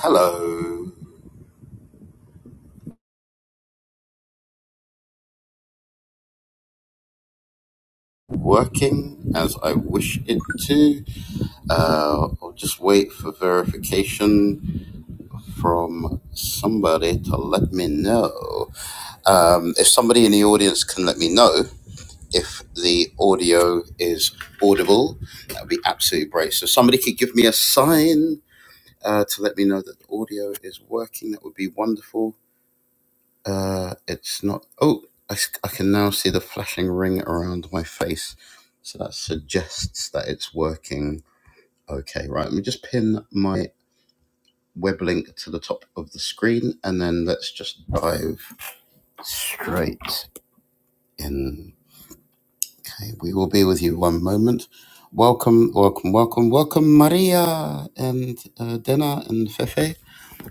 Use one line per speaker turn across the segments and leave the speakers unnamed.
Hello, working as I wish it to. Uh, I'll just wait for verification from somebody to let me know. Um, if somebody in the audience can let me know if the audio is audible, that would be absolutely great. So, somebody could give me a sign uh, to let me know that the audio is working, that would be wonderful. Uh, it's not. Oh, I I can now see the flashing ring around my face. So that suggests that it's working. Okay, right. Let me just pin my web link to the top of the screen and then let's just dive straight in. Okay, we will be with you one moment. Welcome, welcome, welcome, welcome, Maria and uh, Dena and Fefe.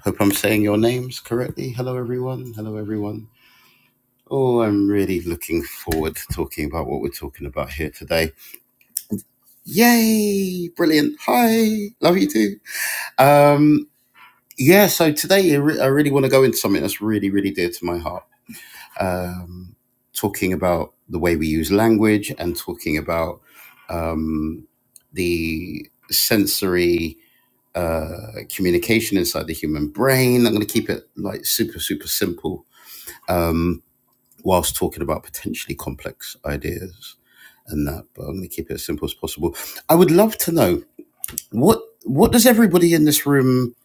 Hope I'm saying your names correctly. Hello, everyone. Hello, everyone. Oh, I'm really looking forward to talking about what we're talking about here today. Yay! Brilliant. Hi. Love you too. Um, yeah, so today I, re- I really want to go into something that's really, really dear to my heart. Um, talking about the way we use language and talking about um, the sensory uh, communication inside the human brain. I'm going to keep it like super, super simple. Um, whilst talking about potentially complex ideas and that. But I'm going to keep it as simple as possible. I would love to know what what does everybody in this room?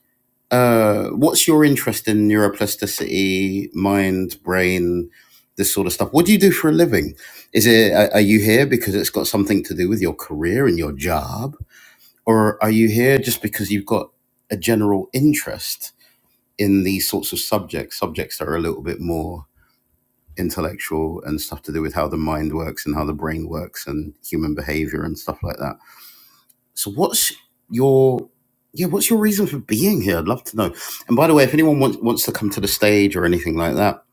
Uh, what's your interest in neuroplasticity, mind, brain, this sort of stuff? What do you do for a living? Is it are are you here because it's got something to do with your career and your job, or are you here just because you've got a general interest in these sorts of subjects, subjects that are a little bit more intellectual and stuff to do with how the mind works and how the brain works and human behavior and stuff like that. So what's your yeah, what's your reason for being here? I'd love to know. And by the way, if anyone wants wants to come to the stage or anything like that,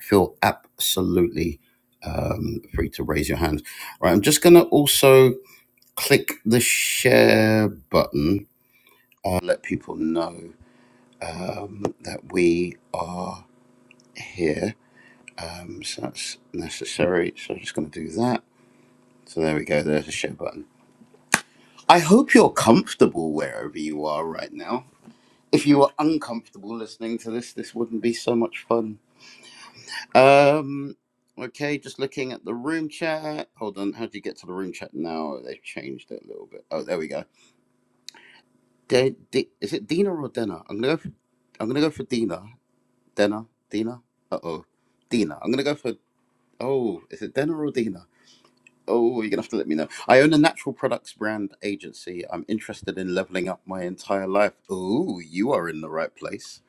feel absolutely um, free to raise your hand. Right, I'm just gonna also click the share button. I'll let people know um, that we are here. Um, so that's necessary. So I'm just gonna do that. So there we go, there's a share button. I hope you're comfortable wherever you are right now. If you were uncomfortable listening to this, this wouldn't be so much fun. Um okay, just looking at the room chat. Hold on, how do you get to the room chat now? They've changed it a little bit. Oh there we go. De- De- is it Dina or Dena? I'm gonna go for I'm gonna go for Dina. Dena? Dina? Uh oh. Dina. I'm gonna go for oh, is it Dena or Dina? Oh, you're gonna have to let me know. I own a natural products brand agency. I'm interested in leveling up my entire life. Oh, you are in the right place.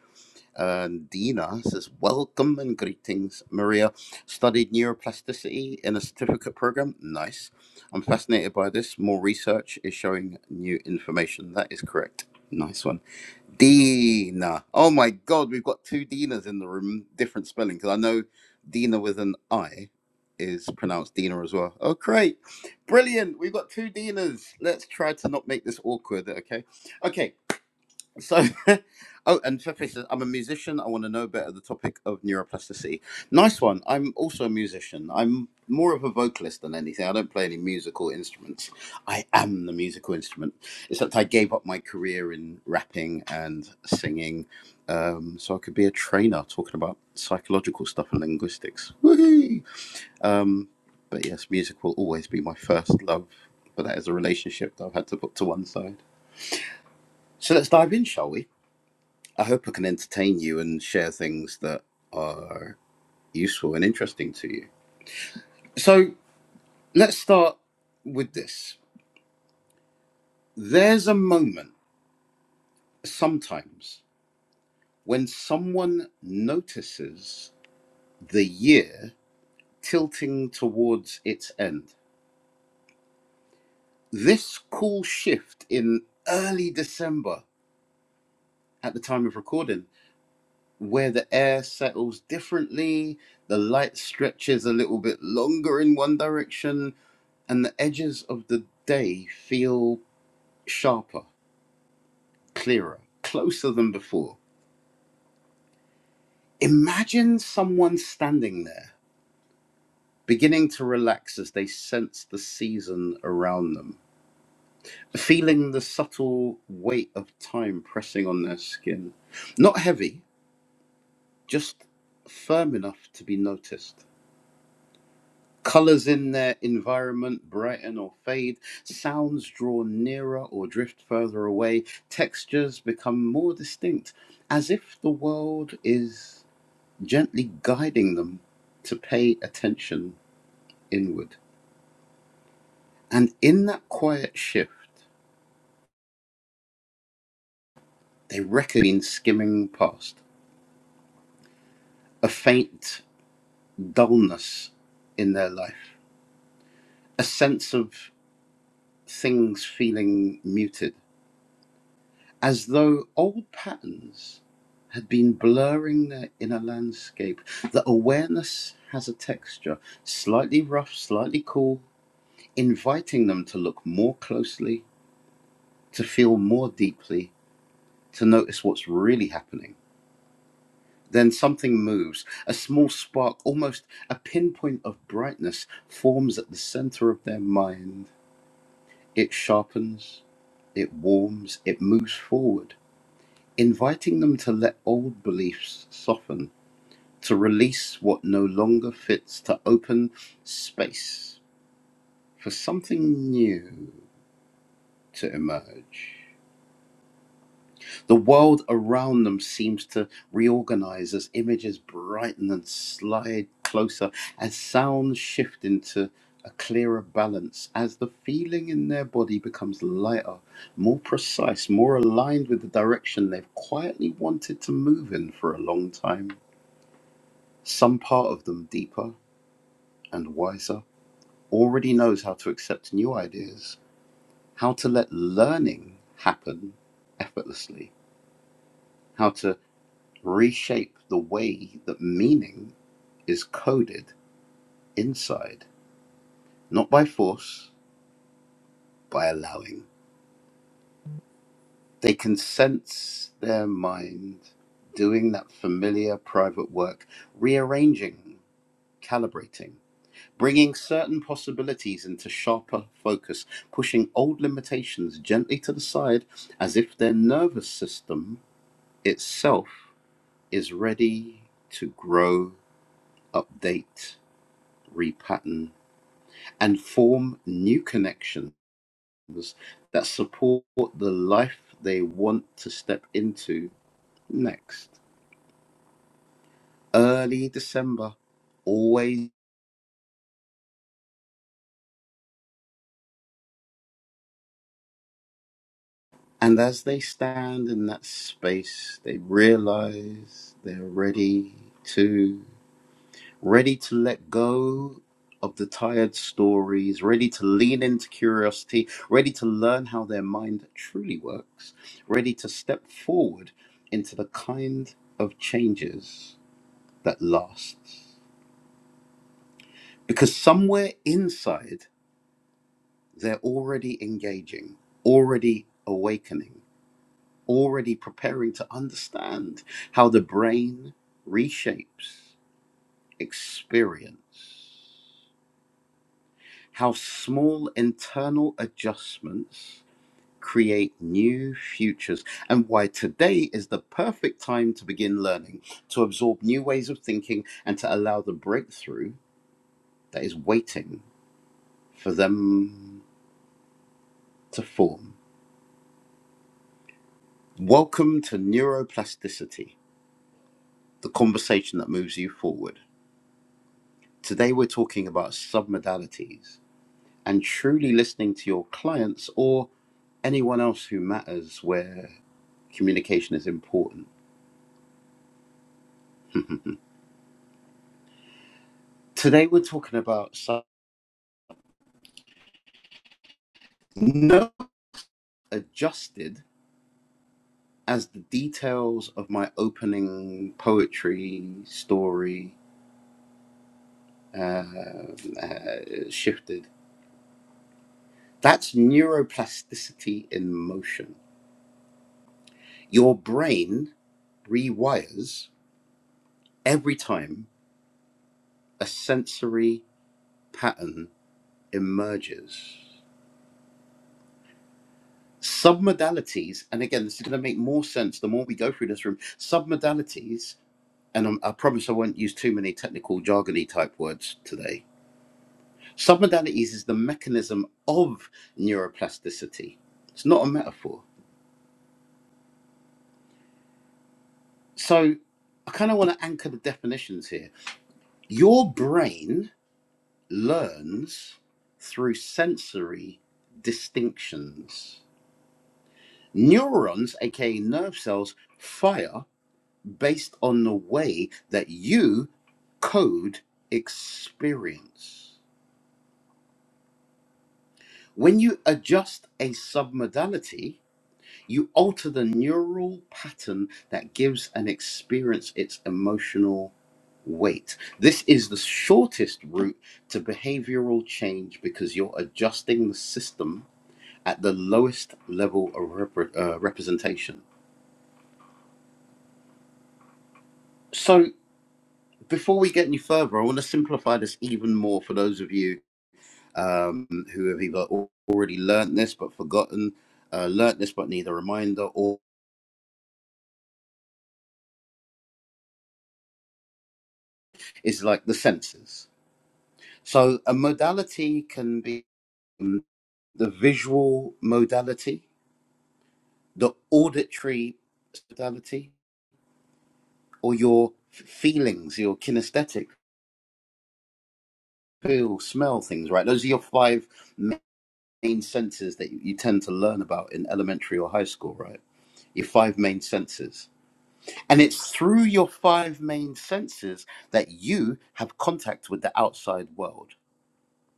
And Dina says, Welcome and greetings, Maria. Studied neuroplasticity in a certificate program. Nice. I'm fascinated by this. More research is showing new information. That is correct. Nice one. Dina. Oh my God, we've got two Dinas in the room, different spelling, because I know Dina with an I is pronounced Dina as well. Oh, great. Brilliant. We've got two Dinas. Let's try to not make this awkward, okay? Okay. So, oh, and Fefe says, I'm a musician. I want to know better the topic of neuroplasticity. Nice one. I'm also a musician. I'm more of a vocalist than anything. I don't play any musical instruments. I am the musical instrument, except I gave up my career in rapping and singing um, so I could be a trainer talking about psychological stuff and linguistics. Woohoo! Um, but yes, music will always be my first love, but that is a relationship that I've had to put to one side. So let's dive in, shall we? I hope I can entertain you and share things that are useful and interesting to you. So let's start with this. There's a moment sometimes when someone notices the year tilting towards its end. This cool shift in early December at the time of recording, where the air settles differently, the light stretches a little bit longer in one direction, and the edges of the day feel sharper, clearer, closer than before. Imagine someone standing there, beginning to relax as they sense the season around them, feeling the subtle weight of time pressing on their skin. Not heavy, just firm enough to be noticed. Colors in their environment brighten or fade, sounds draw nearer or drift further away, textures become more distinct, as if the world is gently guiding them to pay attention inward. And in that quiet shift, they reckon skimming past, a faint dullness in their life, a sense of things feeling muted as though old patterns had been blurring their inner landscape. The awareness has a texture, slightly rough, slightly cool, inviting them to look more closely, to feel more deeply, to notice what's really happening. Then something moves. A small spark, almost a pinpoint of brightness, forms at the center of their mind. It sharpens, it warms, it moves forward, inviting them to let old beliefs soften to release what no longer fits, to open space for something new to emerge. The world around them seems to reorganize as images brighten and slide closer, as sounds shift into a clearer balance, as the feeling in their body becomes lighter, more precise, more aligned with the direction they've quietly wanted to move in for a long time. Some part of them deeper and wiser already knows how to accept new ideas, how to let learning happen effortlessly, how to reshape the way that meaning is coded inside, not by force, by allowing. They can sense their mind doing that familiar private work, rearranging, calibrating. Bringing certain possibilities into sharper focus, pushing old limitations gently to the side as if their nervous system itself is ready to grow, update, repattern, and form new connections that support the life they want to step into next. Early December, always. And as they stand in that space, they realize they're ready to. ready to let go of the tired stories, ready to lean into curiosity, ready to learn how their mind truly works, ready to step forward into the kind of changes that lasts. Because somewhere inside, they're already engaging, already awakening, already preparing to understand how the brain reshapes experience. how small internal adjustments create new futures, and why today is the perfect time to begin learning, to absorb new ways of thinking, and to allow the breakthrough that is waiting for them to form. Welcome to Neuroplasticity, the conversation that moves you forward. Today, we're talking about submodalities and truly listening to your clients or anyone else who matters where communication is important. Today we're talking about no adjusted as the details of my opening poetry story uh, uh, shifted. That's neuroplasticity in motion. Your brain rewires every time a sensory pattern emerges. Submodalities, and again, this is going to make more sense the more we go through this room. Submodalities and I'm, I promise I won't use too many technical jargony type words today. Submodalities is the mechanism of neuroplasticity. It's not a metaphor. So I kind of want to anchor the definitions here. Your brain learns through sensory distinctions. Neurons, aka nerve cells, fire based on the way that you code experience. When you adjust a submodality, you alter the neural pattern that gives an experience its emotional weight. This is the shortest route to behavioral change because you're adjusting the system at the lowest level of repre- uh, representation. So, before we get any further, I want to simplify this even more for those of you um, who have either al- already learned this but forgotten, uh, learned this but need a reminder, or is like the senses. So a modality can be um, the visual modality, the auditory modality, or your f- feelings, your kinesthetic, feel, smell things, right? Those are your five main senses that you you tend to learn about in elementary or high school, right? Your five main senses. And it's through your five main senses that you have contact with the outside world.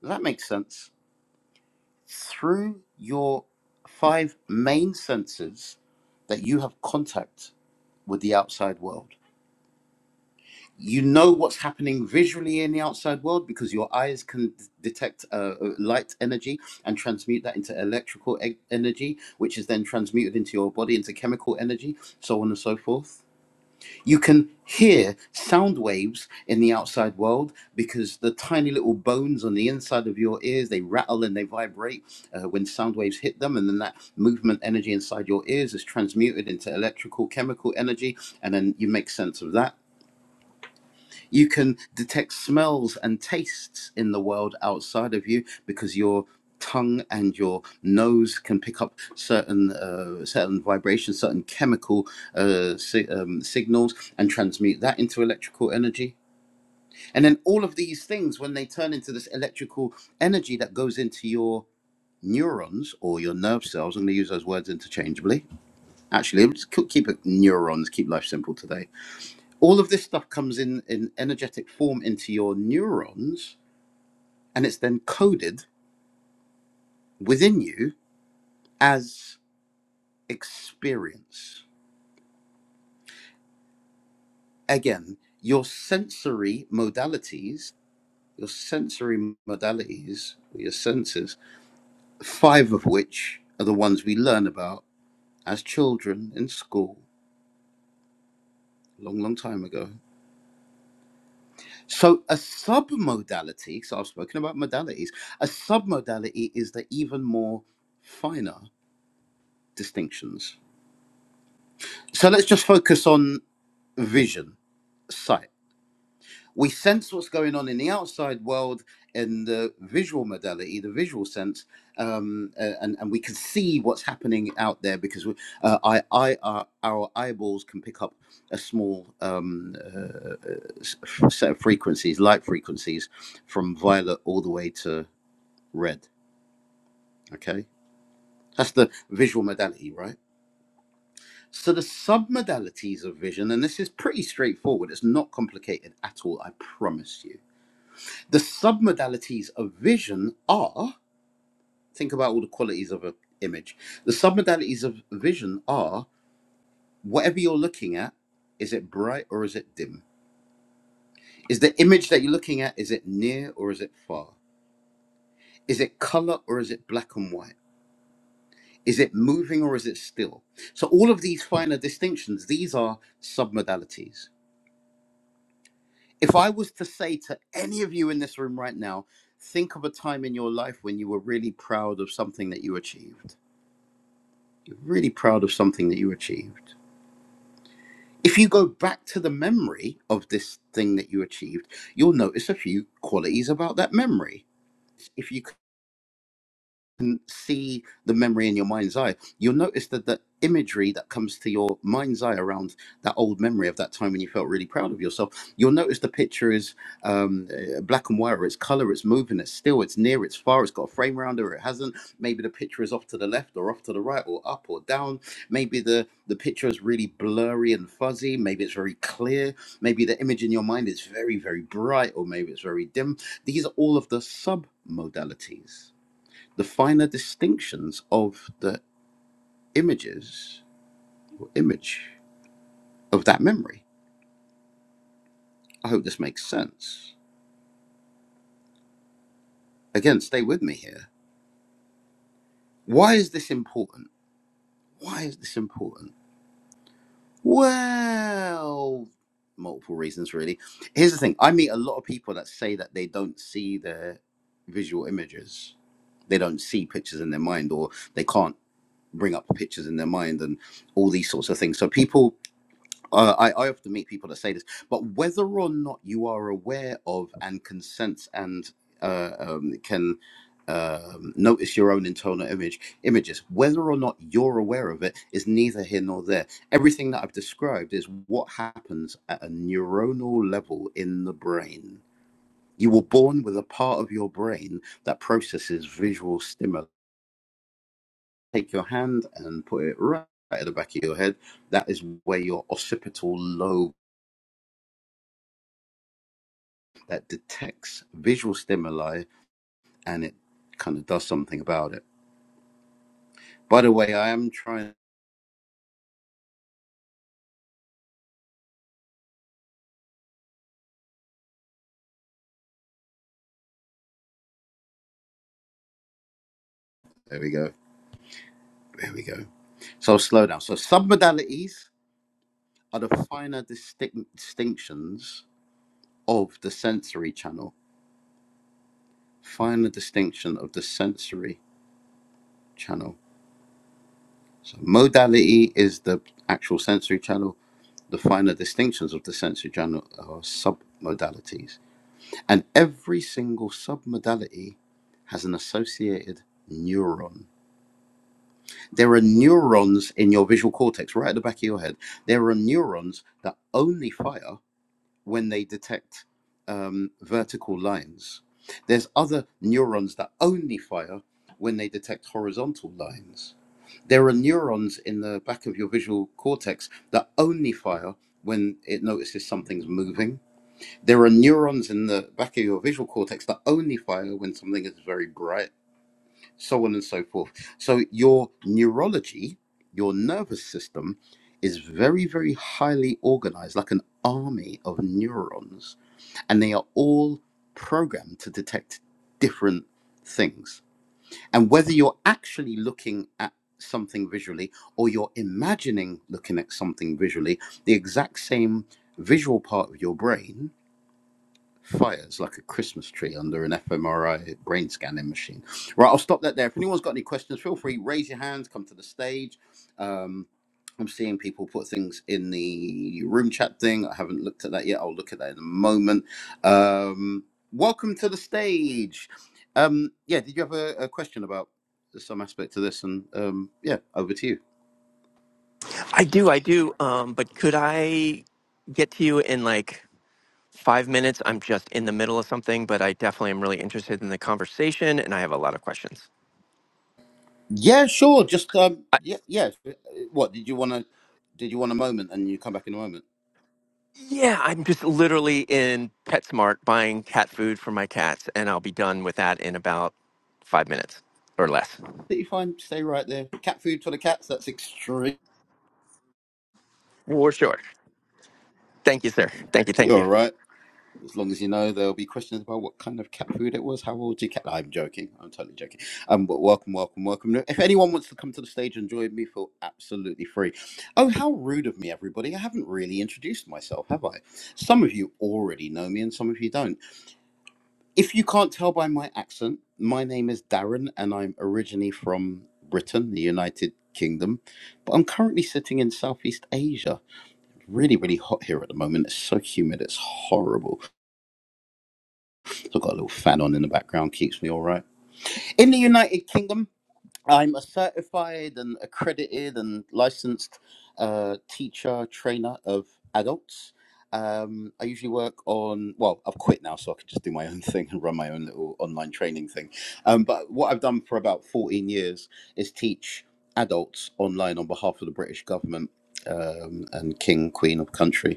Does that make sense? through your five main senses that you have contact with the outside world. You know what's happening visually in the outside world because your eyes can d- detect uh, uh, light energy and transmute that into electrical e- energy, which is then transmuted into your body into chemical energy, so on and so forth you can hear sound waves in the outside world because the tiny little bones on the inside of your ears they rattle and they vibrate uh, when sound waves hit them, and then that movement energy inside your ears is transmuted into electrical chemical energy, and then you make sense of that you can detect smells and tastes in the world outside of you because your tongue and your nose can pick up certain uh, certain vibrations, certain chemical uh, si- um, signals, and transmute that into electrical energy. And then all of these things, when they turn into this electrical energy that goes into your neurons or your nerve cells, I'm going to use those words interchangeably. Actually, let's keep keep it neurons. Keep life simple today all of this stuff comes in in energetic form into your neurons and it's then coded within you as experience again your sensory modalities your sensory modalities your senses five of which are the ones we learn about as children in school a long long time ago so a submodality so i've spoken about modalities a submodality is the even more finer distinctions So let's just focus on vision, sight. We sense what's going on in the outside world in the visual modality, the visual sense, um, a- and and we can see what's happening out there because we, uh, I, I, our, our eyeballs can pick up a small um, uh, s- set of frequencies, light frequencies, from violet all the way to red. Okay, that's the visual modality, right? So the submodalities of vision, and this is pretty straightforward, it's not complicated at all, I promise you. The submodalities of vision are, think about all the qualities of an image. The submodalities of vision are whatever you're looking at, is it bright or is it dim? Is the image that you're looking at, is it near or is it far? Is it color or is it black and white? Is it moving or is it still? So all of these finer distinctions, these are submodalities. If I was to say to any of you in this room right now, think of a time in your life when you were really proud of something that you achieved. You're really proud of something that you achieved. If you go back to the memory of this thing that you achieved, you'll notice a few qualities about that memory. If you can see the memory in your mind's eye, you'll notice that the imagery that comes to your mind's eye around that old memory of that time when you felt really proud of yourself, you'll notice the picture is um, uh, black and white, or it's color, it's moving, it's still, it's near, it's far, it's got a frame around it, or it hasn't. Maybe the picture is off to the left, or off to the right, or up or down. Maybe the, the picture is really blurry and fuzzy. Maybe it's very clear. Maybe the image in your mind is very, very bright, or maybe it's very dim. These are all of the sub modalities the finer distinctions of the images or image of that memory. I hope this makes sense. Again, stay with me here. Why is this important? Why is this important? Well, multiple reasons, really. Here's the thing I meet a lot of people that say that they don't see their visual images, they don't see pictures in their mind, or they can't bring up pictures in their mind, and all these sorts of things. So people Uh, I, I often meet people that say this, but whether or not you are aware of and consents and uh, um, can um, notice your own internal image images, whether or not you're aware of it is neither here nor there. Everything that I've described is what happens at a neuronal level in the brain. You were born with a part of your brain that processes visual stimuli. Take your hand and put it right at the back of your head. That is where your occipital lobe that detects visual stimuli and it kind of does something about it. By the way, I am trying. There we go. There we go. So I'll slow down. So submodalities are the finer distinct distinctions of the sensory channel. Finer distinction of the sensory channel. So modality is the actual sensory channel. The finer distinctions of the sensory channel are submodalities. And every single submodality has an associated neuron There are neurons in your visual cortex, right at the back of your head. There are neurons that only fire when they detect um, vertical lines. There's other neurons that only fire when they detect horizontal lines. There are neurons in the back of your visual cortex that only fire when it notices something's moving. There are neurons in the back of your visual cortex that only fire when something is very bright so on and so forth. So your neurology, your nervous system is very, very highly organized, like an army of neurons, and they are all programmed to detect different things. And whether you're actually looking at something visually or you're imagining looking at something visually, the exact same visual part of your brain fires like a Christmas tree under an fMRI brain scanning machine. Right, I'll stop that there. If anyone's got any questions, feel free raise your hands, come to the stage. Um, I'm seeing people put things in the room chat thing. I haven't looked at that yet. I'll look at that in a moment. Um, welcome to the stage. Um, yeah, did you have a, a question about some aspect to this? And um, yeah, over to you.
I do, I do. Um, but could I get to you in like five minutes? I'm just in the middle of something, but I definitely am really interested in the conversation and I have a lot of questions.
Yeah, sure. Just um,
I,
yeah, yeah. What did you want to? Did you want a moment, and you come back in a moment?
yeah, I'm just literally in PetSmart buying cat food for my cats, and I'll be done with that in about five minutes or less.
Absolutely fine. Stay right there. Cat food for the cats. That's extreme.
For sure. Thank you, sir. Thank you. Thank
You're
you.
all right. As long as you know, there'll be questions about what kind of cat food it was. How old your cat? I'm joking. I'm totally joking. Um, but welcome, welcome, welcome. If anyone wants to come to the stage and join me, feel absolutely free. Oh, how rude of me, everybody. I haven't really introduced myself, have I? Some of you already know me, and some of you don't. If you can't tell by my accent, my name is Darren, and I'm originally from Britain, the United Kingdom, but I'm currently sitting in Southeast Asia. really, really hot here at the moment. It's so humid, it's horrible. So I've got a little fan on in the background, keeps me all right. In the United Kingdom, I'm a certified and accredited and licensed uh, teacher, trainer of adults. Um, I usually work on, well, I've quit now, so I can just do my own thing and run my own little online training thing. Um, but what I've done for about 14 years is teach adults online on behalf of the British government um, and King, Queen of Country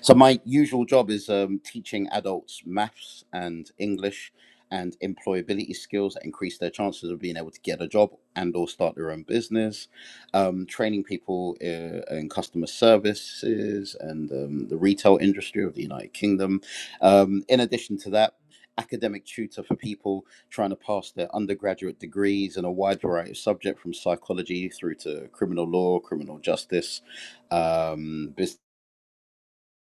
So my usual job is um, teaching adults maths and English and employability skills that increase their chances of being able to get a job and or start their own business. Um, training people uh, in customer services and um, the retail industry of the United Kingdom. Um, in addition to that, academic tutor for people trying to pass their undergraduate degrees in a wide variety of subjects from psychology through to criminal law, criminal justice, um, business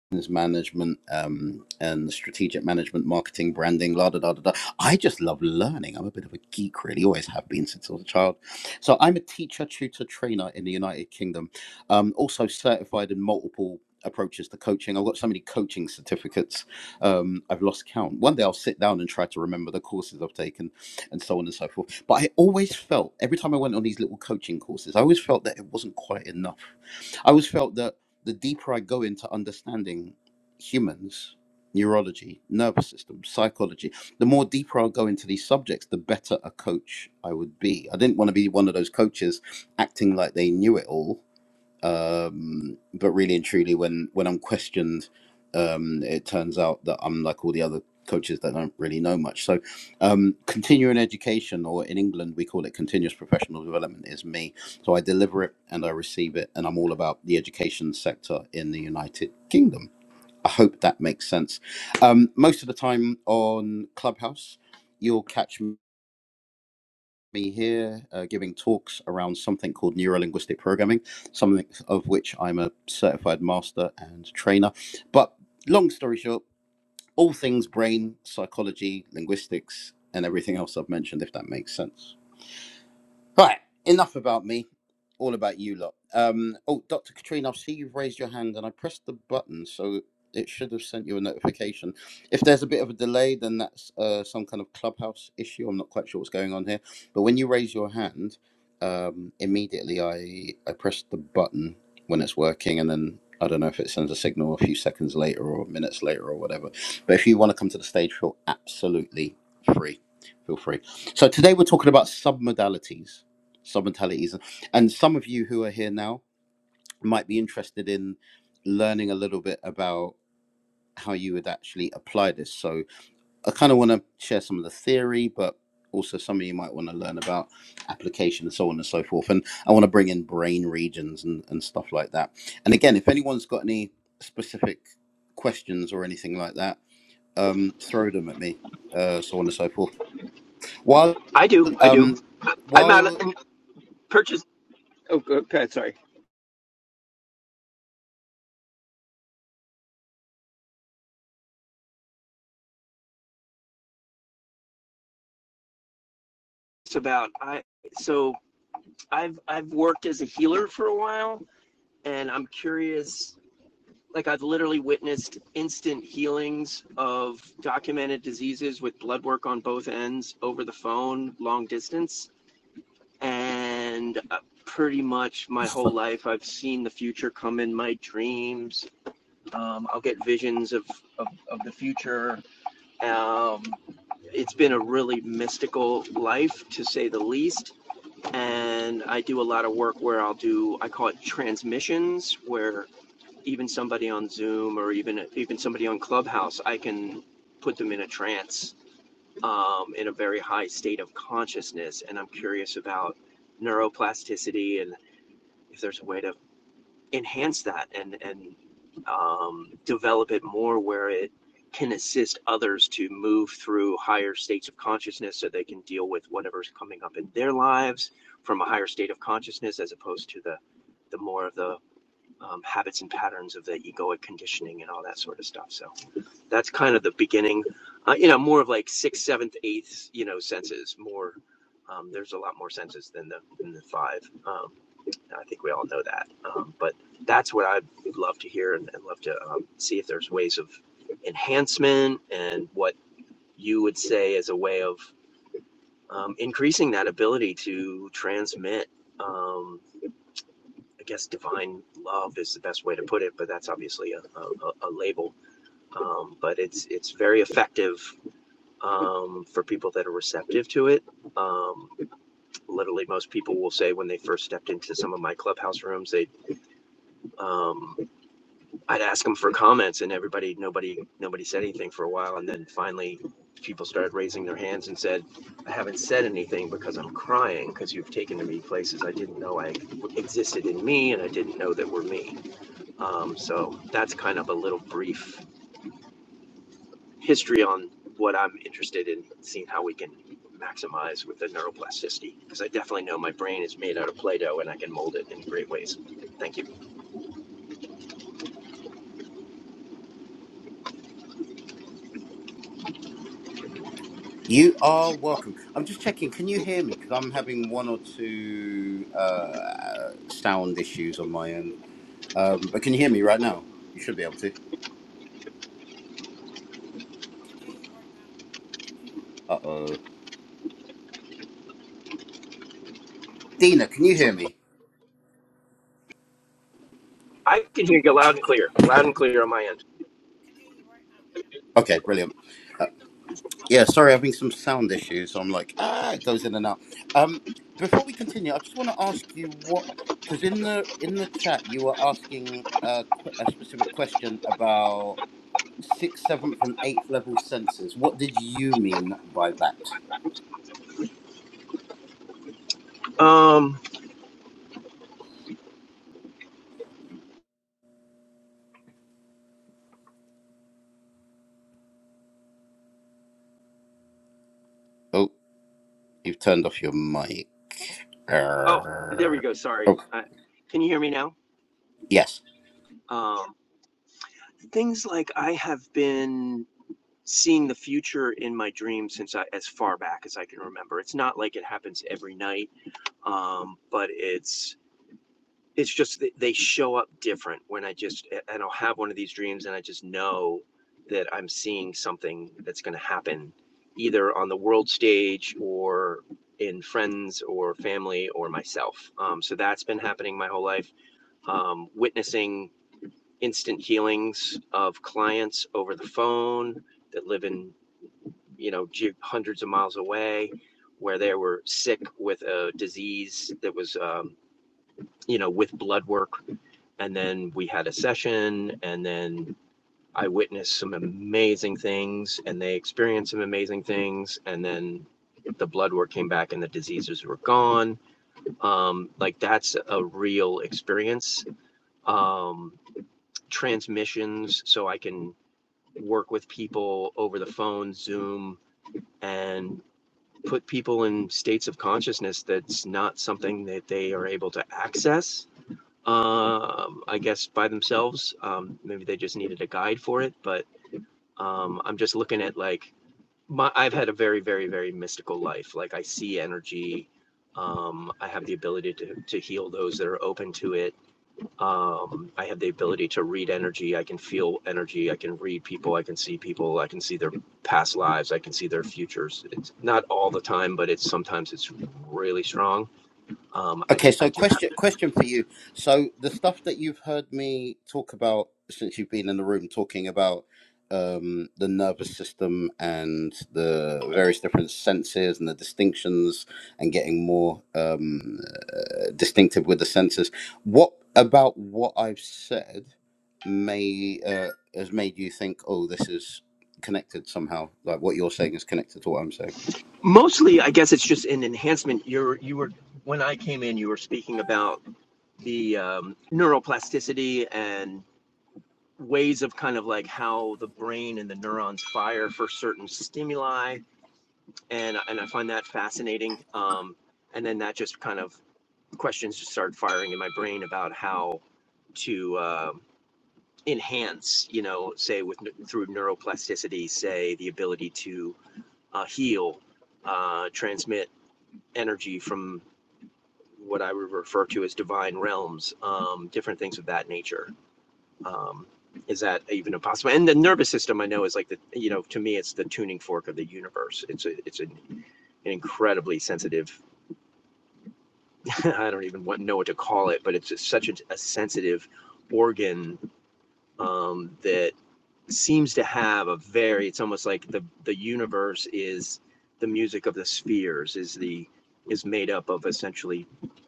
business management um, and strategic management, marketing, branding, la da da da da. I just love learning. I'm a bit of a geek, really. Always have been since I was a child. So I'm a teacher, tutor, trainer in the United Kingdom. Um, also certified in multiple approaches to coaching. I've got so many coaching certificates. Um, I've lost count. One day I'll sit down and try to remember the courses I've taken and so on and so forth. But I always felt every time I went on these little coaching courses, I always felt that it wasn't quite enough I always felt that the deeper I go into understanding humans, neurology, nervous system, psychology, the more deeper I'll go into these subjects, the better a coach I would be. I didn't want to be one of those coaches acting like they knew it all um, but really and truly, when when I'm questioned, um, it turns out that I'm like all the other coaches that don't really know much. So, um, continuing education, or in England we call it continuous professional development, is me. So I deliver it and I receive it, and I'm all about the education sector in the United Kingdom. I hope that makes sense. Um, most of the time on Clubhouse, you'll catch me me here uh, giving talks around something called neuro-linguistic programming, something of which I'm a certified master and trainer. But long story short, all things brain, psychology, linguistics, and everything else I've mentioned, if that makes sense. Right, enough about me, all about you lot. Um, oh, Dr. Katrina, I see you've raised your hand and I pressed the button, so it should have sent you a notification. If there's a bit of a delay, then that's uh, some kind of clubhouse issue. I'm not quite sure what's going on here. But when you raise your hand, um, immediately I, I press the button when it's working, and then I don't know if it sends a signal a few seconds later or minutes later or whatever. But if you want to come to the stage, feel absolutely free. Feel free. So today we're talking about submodalities sub mentalities. And some of you who are here now might be interested in learning a little bit about how you would actually apply this. So I kind of want to share some of the theory, but also some of you might want to learn about application and so on and so forth. And I want to bring in brain regions and, and stuff like that. And again, if anyone's got any specific questions or anything like that, um, throw them at me, uh, so on and so forth. While
I do, I do.
um,
I'm out
while
of- and purchase. Oh, go ahead. Sorry. It's about I. So I've I've worked as a healer for a while, and I'm curious. Like I've literally witnessed instant healings of documented diseases with blood work on both ends over the phone, long distance, and uh, pretty much my whole life I've seen the future come in my dreams. Um, I'll get visions of of, of the future. Um, it's been a really mystical life to say the least and i do a lot of work where i'll do i call it transmissions where even somebody on Zoom or even even somebody on Clubhouse, I can put them in a trance um, in a very high state of consciousness. And I'm curious about neuroplasticity and if there's a way to enhance that and and um, develop it more where it can assist others to move through higher states of consciousness so they can deal with whatever's coming up in their lives from a higher state of consciousness as opposed to the the more of the um, habits and patterns of the egoic conditioning and all that sort of stuff. So that's kind of the beginning, uh, you know, more of like sixth, seventh, eighth, you know, senses. More, um, there's a lot more senses than the than the five. Um, and I think we all know that. Um, but that's what I would love to hear and, and love to um, see if there's ways of enhancement and what you would say as a way of um, increasing that ability to transmit. Um, I guess divine love is the best way to put it, but that's obviously a, a, a label. Um, but it's it's very effective um, for people that are receptive to it. Um, literally, most people will say when they first stepped into some of my clubhouse rooms, they um, I'd ask them for comments, and everybody nobody nobody said anything for a while, and then finally people started raising their hands and said, "I haven't said anything because I'm crying because you've taken me places I didn't know I existed in me, and I didn't know that were me." Um, so that's kind of a little brief history on what I'm interested in, seeing how we can maximize with the neuroplasticity. Because I definitely know my brain is made out of Play Doh and I can mold it in great ways. Thank you.
You are welcome. I'm just checking. Can you hear me? Because I'm having one or two uh, sound issues on my end. Um, but can you hear me right now? You should be able to.
Can hear you right now. Can hear you.
Uh oh. Dina, can you hear me?
I can hear you loud and clear, loud and clear on my end.
Can hear you right now.
Okay, brilliant. Uh, yeah, sorry, having some sound issues. So I'm like, ah, it goes in and out. Um, before we continue, I just want to ask you what, because in the in the chat you were asking a, que- a specific question about sixth, seventh, and eighth level senses. What did you mean by that?
Um,
Oh, you've turned off your mic.
oh, there we
Uh,
go. Sorry.
oh,
I, can you hear me now?
yes.
Um, things like I have been seeing the future in my dreams since I, as far back as I can remember. It's not like it happens every night um, but it's it's just that they show up different when I just and I'll have one of these dreams and I just know that I'm seeing something that's going to happen either on the world stage or in friends or family or myself. Um, so that's been happening my whole life. Um, witnessing instant healings of clients over the phone that live in you know hundreds of miles away where they were sick with a disease that was um, you know with blood work and then we had a session and then i witnessed some amazing things and they experienced some amazing things and then the blood work came back and the diseases were gone um, like that's a real experience um, transmissions so i can work with people over the phone zoom and put people in states of consciousness that's not something that they are able to access um, I guess by themselves. Um, maybe they just needed a guide for it, but um, I'm just looking at like my, I've had a very, very, very mystical life. Like I see energy. Um, I have the ability to, to heal those that are open to it. Um, I have the ability to read energy. I can feel energy. I can read people. I can see people. I can see their past lives. I can see their futures. It's not all the time, but it's sometimes it's really strong um, I,
Okay,
d- I
so
do not.
question question for you. So the stuff that you've heard me talk about since you've been in the room, talking about um, the nervous system and the various different senses and the distinctions and getting more um, uh, distinctive with the senses. What about what I've said may uh, has made you think, oh, this is connected somehow? Like what you're saying is connected to what I'm saying.
Mostly, I guess it's just an enhancement. You're, you were, when I came in, you were speaking about the um, neuroplasticity and ways of kind of like how the brain and the neurons fire for certain stimuli. and and I find that fascinating. Um, and then that just kind of questions just started firing in my brain about how to uh, enhance, you know, say with through neuroplasticity, say the ability to uh, heal, uh, transmit energy from what I would refer to as divine realms, um, different things of that nature. Um, is that even a possible? And the nervous system, I know, is like the you know, to me, it's the tuning fork of the universe. It's a, it's an, an incredibly sensitive I don't even know what to call it, but it's just such a, a sensitive organ um, that seems to have a very. It's almost like the the universe is the music of the spheres is the is made up of essentially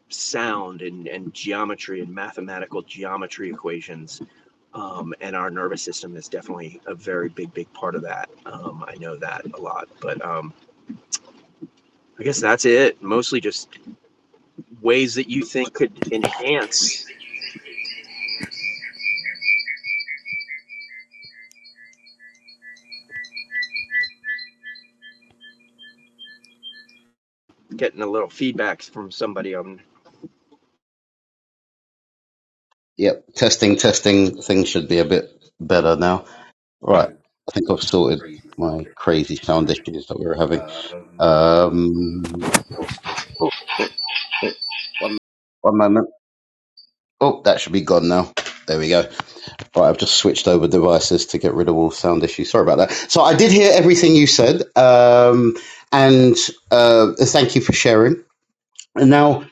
sound and, and geometry and mathematical geometry equations um, and our nervous system is definitely a very big big part of that um, i know that a lot but um, i guess that's it mostly just ways that you think could enhance getting a little feedbacks from somebody on
Yep. Testing, testing. Things should be a bit better now. Right. I think I've
My
sorted
crazy
my
sound.
crazy sound issues that we were having.
Um,
Um, oh, oh, one moment. Oh, that should be gone now. There we go. Right, I've just switched over devices to get rid of all sound issues. Sorry about that. So I did hear everything you said, um, and uh, thank you for sharing. And now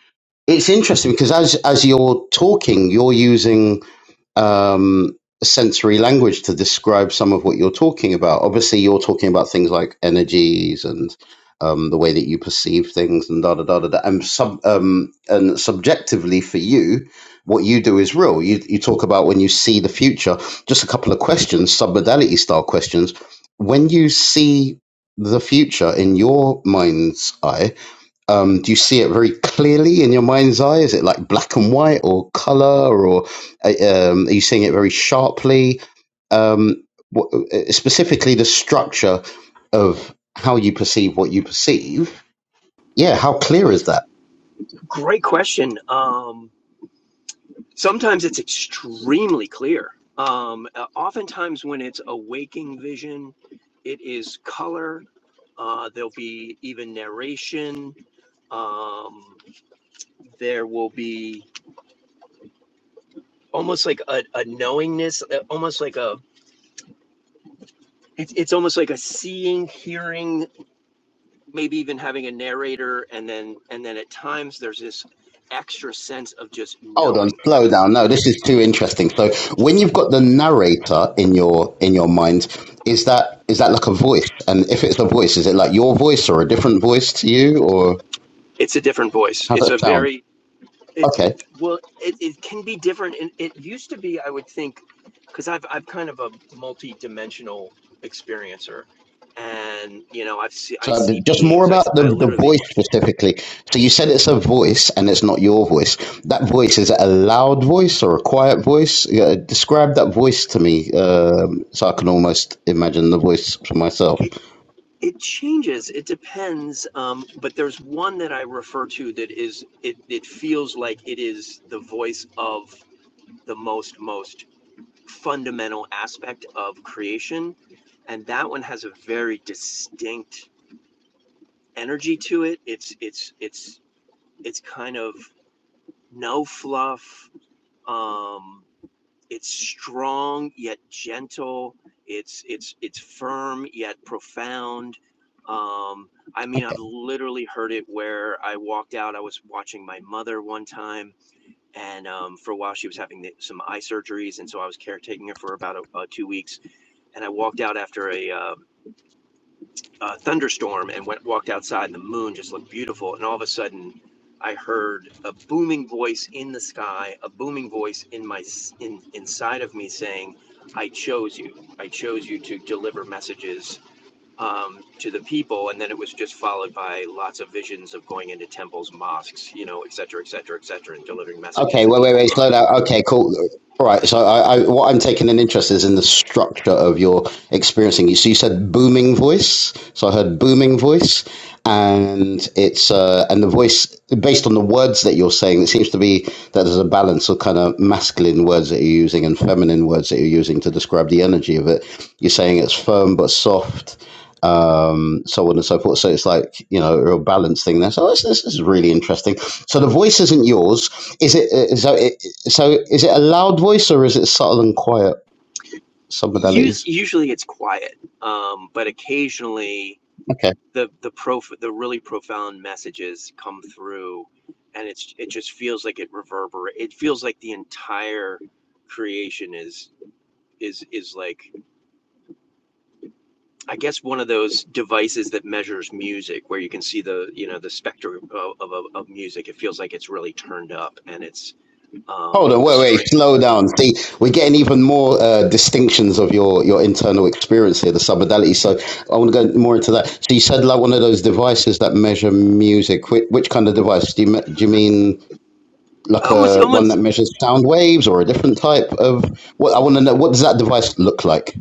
it's interesting because as as you're talking, you're using um, sensory language to describe some of what you're talking about. Obviously, you're talking about things like energies and um, the way that you perceive things and da da da da. da. And sub um, and subjectively for you, what you do is real. You you talk about when you see the future. Just a couple of questions, submodality style questions. When you see the future in your mind's eye, um, do you see it very clearly in your mind's eye? Is it like black and white or color, or uh, um, are you seeing it very sharply? Um, what, uh, specifically, the structure of how you perceive what you perceive. Yeah, how clear is that?
great question um sometimes it's extremely clear um uh, oftentimes when it's a waking vision it is color uh there'll be even narration um there will be almost like a, a knowingness uh, almost like a it's, it's almost like a seeing hearing maybe even having a narrator and then and then at times there's this extra sense of just
Hold on,
knowing
slow down. No, this is too interesting. So when you've got the narrator in your in your mind, is that is that like a voice? And if it's a voice, is it like your voice or a different voice to you, or
it's a different voice.
how's
It's
that
a
sound?
very it's
Okay,
it's well it, it can be different and it used to be I would think because I've I've kind of a multi-dimensional experiencer and you know I've see, I
so th-
see
just more
beings I I
about the the
literally
voice
will
specifically. So you said it's a voice and it's not your voice. That voice is it a loud voice or a quiet voice? Yeah, describe that voice to me, um, so I can almost imagine the voice for myself.
it it changes it depends um but there's one that I refer to that is it it feels like it is the voice of the most most fundamental aspect of creation and that one has a very distinct energy to it. It's it's it's it's kind of no fluff. Um, it's strong yet gentle. It's it's it's firm yet profound. Um, I mean, I've literally heard it where I walked out. I was watching my mother one time, and um, for a while she was having the, some eye surgeries, and so I was caretaking her for about a, uh, two weeks. And I walked out after a uh, uh, thunderstorm and went walked outside and the moon just looked beautiful and all of a sudden i heard a booming voice in the sky a booming voice in my in, inside of me saying i chose you i chose you to deliver messages um, to the people, and then it was just followed by lots of visions of going into temples, mosques, you know, et cetera, et cetera, et cetera, and delivering
Okay,
messages and
wait, wait,
people
wait, slow
crying.
down. Okay, cool. All right, so I, I, what I'm taking an interest is in the structure of your experiencing. So you said booming voice. So I heard booming voice, and it's uh, and the voice based on the words that you're saying. It seems to be that there's a balance of kind of masculine words that you're using and feminine words that you're using to describe the energy of it. You're saying it's firm but soft, um, so on and so forth. So it's like you know a real balance thing there. So this this is really interesting. So the voice isn't yours is it uh, is that it, so? Is it a loud voice or is it subtle and quiet? Some modalities.
Us- usually it's quiet, um, but occasionally
Okay.
the the prof the really profound messages come through and it's it just feels like it reverberate it feels like the entire creation is is is like i guess one of those devices that measures music where you can see the you know the spectrum of, of, of music it feels like it's really turned up and it's
Hold
um
on.
the
Wait. Wait.
string
Slow down. See, we're getting even more uh, distinctions of your your internal experience here, the submodality. So I want to go more into that. So you said like one of those devices that measure music. Which, which kind of device? Do you me- do you mean like
almost
a
almost
one that measures sound waves or a different type of? What I want to know. What does that device look like?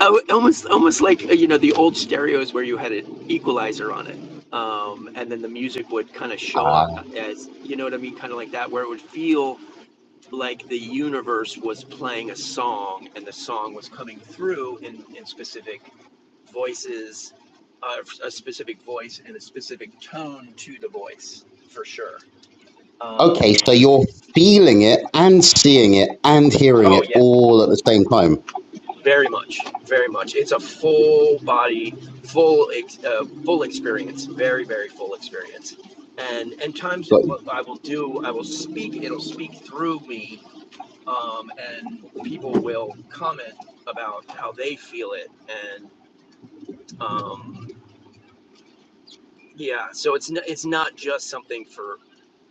Oh, almost, almost like uh, you know the old stereos where you had an equalizer on it, um, and then the music would kind of show up as you know what I mean, kind of like that, where it would feel like the universe was playing a song, and the song was coming through in in specific voices, uh, a specific voice and a specific tone to the voice for sure.
Okay.
Um,
So you're feeling it and seeing it and hearing
oh yeah,
it all at the same time.
Very much, very much. It's a full body, full uh, full experience. Very, very full experience. And and times
Got you.
what I will do, I will speak. It'll speak through me, um, and people will comment about how they feel it. And um, yeah, so it's n- it's not just something for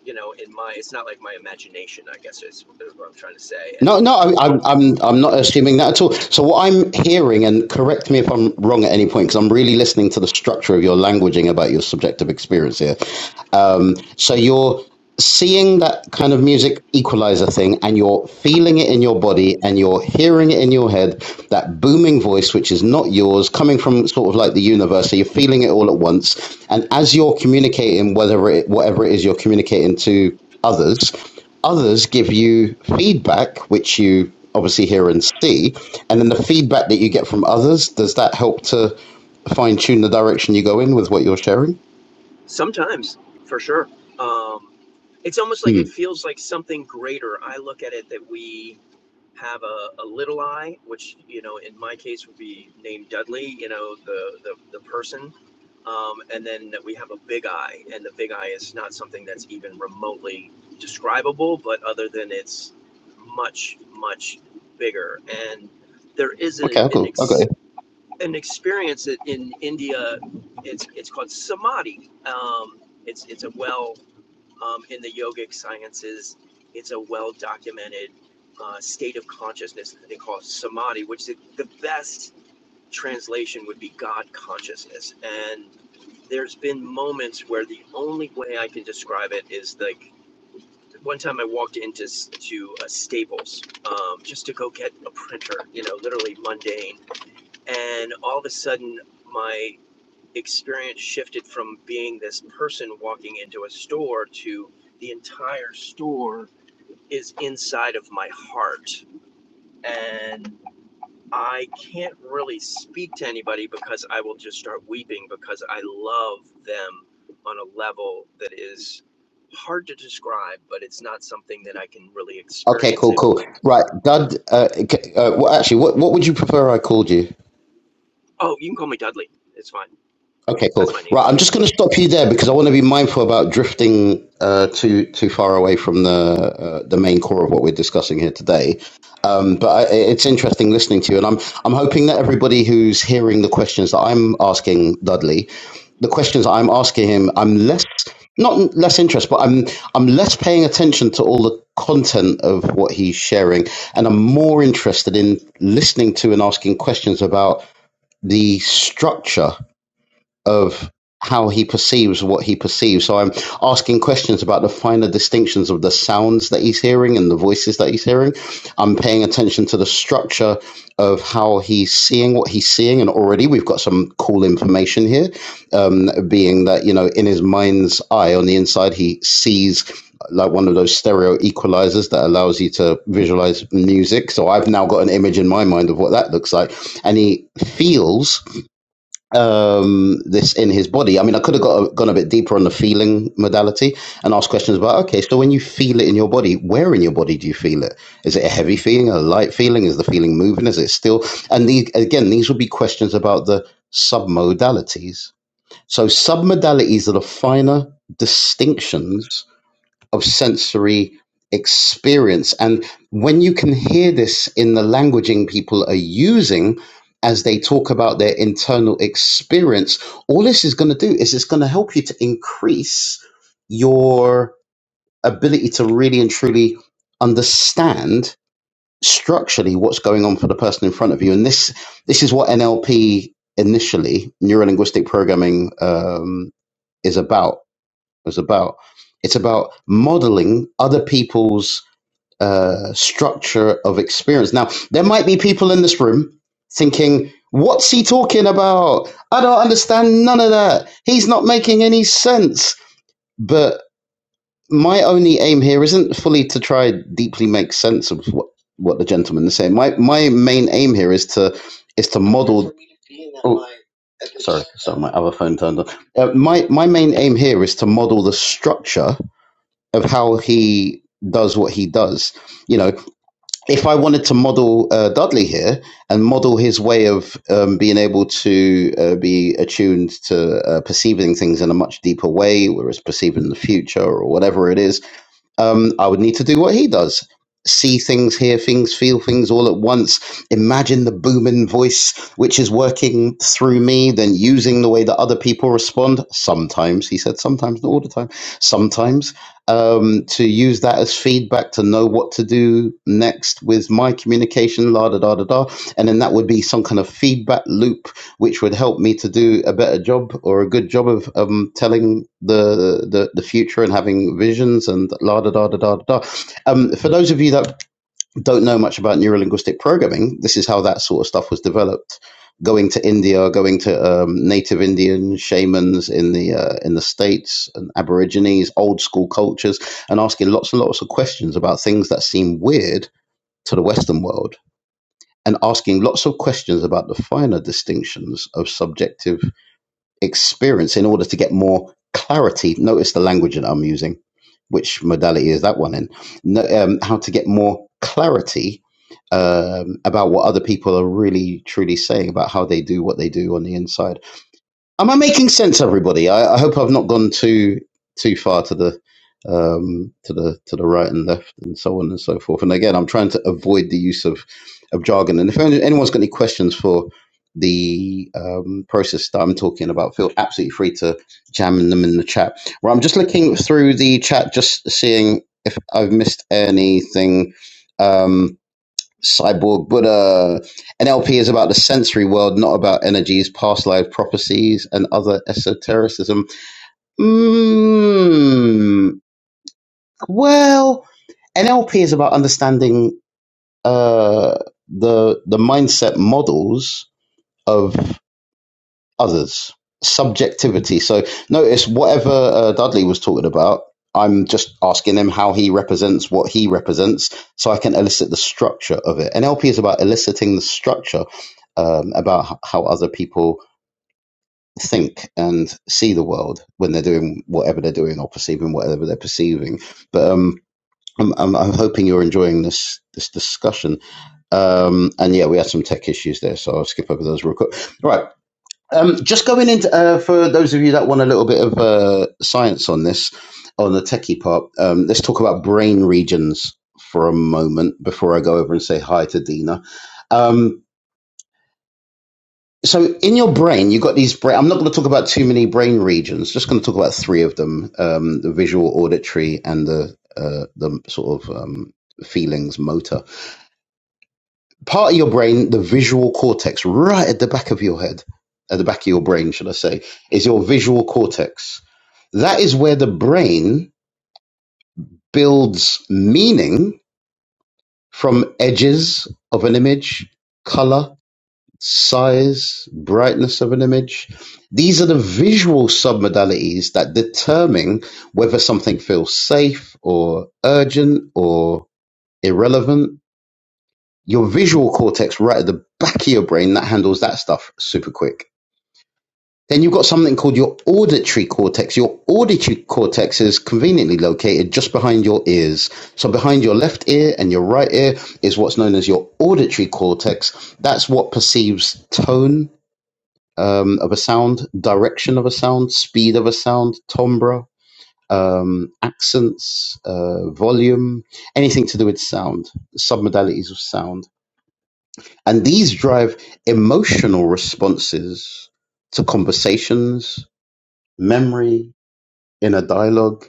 you know in my. It's not like my imagination. I guess is, is what I'm trying to say. And
No, no, I, I'm, I'm, I'm not assuming that at all. So what I'm hearing, and correct me if I'm wrong at any point, because I'm really listening to the structure of your languaging about your subjective experience here. Um, so you're seeing that kind of music equalizer thing, and you're feeling it in your body, and you're hearing it in your head. That booming voice, which is not yours, coming from sort of like the universe. So you're feeling it all at once, and as you're communicating, whether it, whatever it is you're communicating to others Others give you feedback, which you obviously hear and see, and then the feedback that you get from others does that help to fine tune the direction you go in with what you're sharing?
Sometimes, for sure. Um, it's almost like
Hmm.
it feels like something greater. I look at it that we have a, a little I, which you know, in my case, would be named Dudley. You know, the the, the person, um, and then that we have a big I, and the big I is not something that's even remotely describable, but other than it's much much bigger, and there is a,
Okay,
an
cool. I
ex-
got you.
an experience in India. It's it's called samadhi. Um, it's it's a well um, in the yogic sciences. It's a well documented uh, state of consciousness that they call samadhi, which is the best translation would be God consciousness. And there's been moments where the only way I can describe it is like one time I walked into to a Staples um, just to go get a printer, you know, literally mundane. And all of a sudden, my experience shifted from being this person walking into a store to the entire store is inside of my heart. And I can't really speak to anybody because I will just start weeping because I love them on a level that is hard to describe, but it's not something that I can really
Okay,
experience
cool,
it.
cool. Right, Dud. Uh, c- uh, well, actually, what what would you prefer I called you?
Oh, you can call me Dudley. It's fine.
Okay, cool.
That's my name.
Right, I'm just going to stop you there because I want to be mindful about drifting uh, too too far away from the uh, the main core of what we're discussing here today. Um, but I, it's interesting listening to you, and I'm I'm hoping that everybody who's hearing the questions that I'm asking Dudley, the questions I'm asking him, I'm less not less interest, but I'm I'm less paying attention to all the content of what he's sharing, and I'm more interested in listening to and asking questions about the structure of how he perceives what he perceives. So I'm asking questions about the finer distinctions of the sounds that he's hearing and the voices that he's hearing. I'm paying attention to the structure of how he's seeing what he's seeing. And already we've got some cool information here, um, being that, you know, in his mind's eye on the inside, he sees like one of those stereo equalizers that allows you to visualize music. So I've now got an image in my mind of what that looks like. And he feels um, this in his body. I mean, I could have got a, gone a bit deeper on the feeling modality and asked questions about okay, so when you feel it in your body, where in your body do you feel it? Is it a heavy feeling, a light feeling? Is the feeling moving? Is it still? And these, again, these would be questions about the submodalities. So submodalities are the finer distinctions of sensory experience. And when you can hear this in the languaging people are using as they talk about their internal experience, all this is going to do is it's going to help you to increase your ability to really and truly understand structurally what's going on for the person in front of you. And this this is what NLP initially, neuro linguistic programming, um, is about was about. It's about modeling other people's uh, structure of experience. Now, there might be people in this room thinking, "What's he talking about? I don't understand none of that. He's not making any sense." But my only aim here isn't fully to try deeply make sense of what, what the gentleman is saying. My my main aim here is to is to model. Oh, sorry, sorry, my other phone turned on. Uh, my my main aim here is to model the structure of how he does what he does. You know, if I wanted to model uh, Dudley here and model his way of um, being able to uh, be attuned to uh, perceiving things in a much deeper way, whereas perceiving the future or whatever it is, um, I would need to do what he does see things, hear things, feel things all at once. Imagine the booming voice which is working through me, then using the way that other people respond. Sometimes, he said, sometimes, not all the time, sometimes, um, to use that as feedback to know what to do next with my communication, la da da da da. And then that would be some kind of feedback loop which would help me to do a better job or a good job of um, telling the, the the future and having visions and la da da da da da. Um, for those of you that don't know much about neurolinguistic programming, this is how that sort of stuff was developed. Going to India, going to um, native Indian shamans in the uh, in the states and Aborigines, old school cultures, and asking lots and lots of questions about things that seem weird to the Western world, and asking lots of questions about the finer distinctions of subjective experience in order to get more clarity. Notice the language that I'm using, which modality is that one in? No, um, how to get more clarity um, about what other people are really truly saying about how they do what they do on the inside. Am I making sense, everybody? I, I hope I've not gone too too far to the um, to the to the right and left and so on and so forth. And again, I'm trying to avoid the use of of jargon. And if any- anyone's got any questions for the um, process that I'm talking about, feel absolutely free to jam them in the chat. Right, I'm just looking through the chat, just seeing if I've missed anything. Um, Cyborg Buddha. NLP is about the sensory world, not about energies, past life prophecies, and other esotericism. Mm, well, NLP is about understanding uh, the the mindset models of others subjectivity so notice whatever uh, dudley was talking about i'm just asking him how he represents what he represents so i can elicit the structure of it nlp is about eliciting the structure um, about h- how other people think and see the world when they're doing whatever they're doing or perceiving whatever they're perceiving but um I'm, I'm, I'm hoping you're enjoying this this discussion um and yeah we had some tech issues there so i'll skip over those real quick Right. Um, just going into uh, for those of you that want a little bit of uh, science on this, on the techie part. Um, let's talk about brain regions for a moment before I go over and say hi to Dina. Um, so in your brain, you've got these brain. I'm not going to talk about too many brain regions. Just going to talk about three of them: um, the visual, auditory, and the uh, the sort of um, feelings motor. part of your brain, the visual cortex, right at the back of your head, at the back of your brain, should I say, is your visual cortex. That is where the brain builds meaning from edges of an image, color, size, brightness of an image. These are the visual submodalities that determine whether something feels safe or urgent or irrelevant your visual cortex right at the back of your brain that handles that stuff super quick. Then you've got something called your auditory cortex. Your auditory cortex is conveniently located just behind your ears. So behind your left ear and your right ear is what's known as your auditory cortex. That's what perceives tone um, of a sound, direction of a sound, speed of a sound, timbre, um, accents, uh, volume, anything to do with sound, submodalities of sound And these drive emotional responses to conversations, memory, inner dialogue.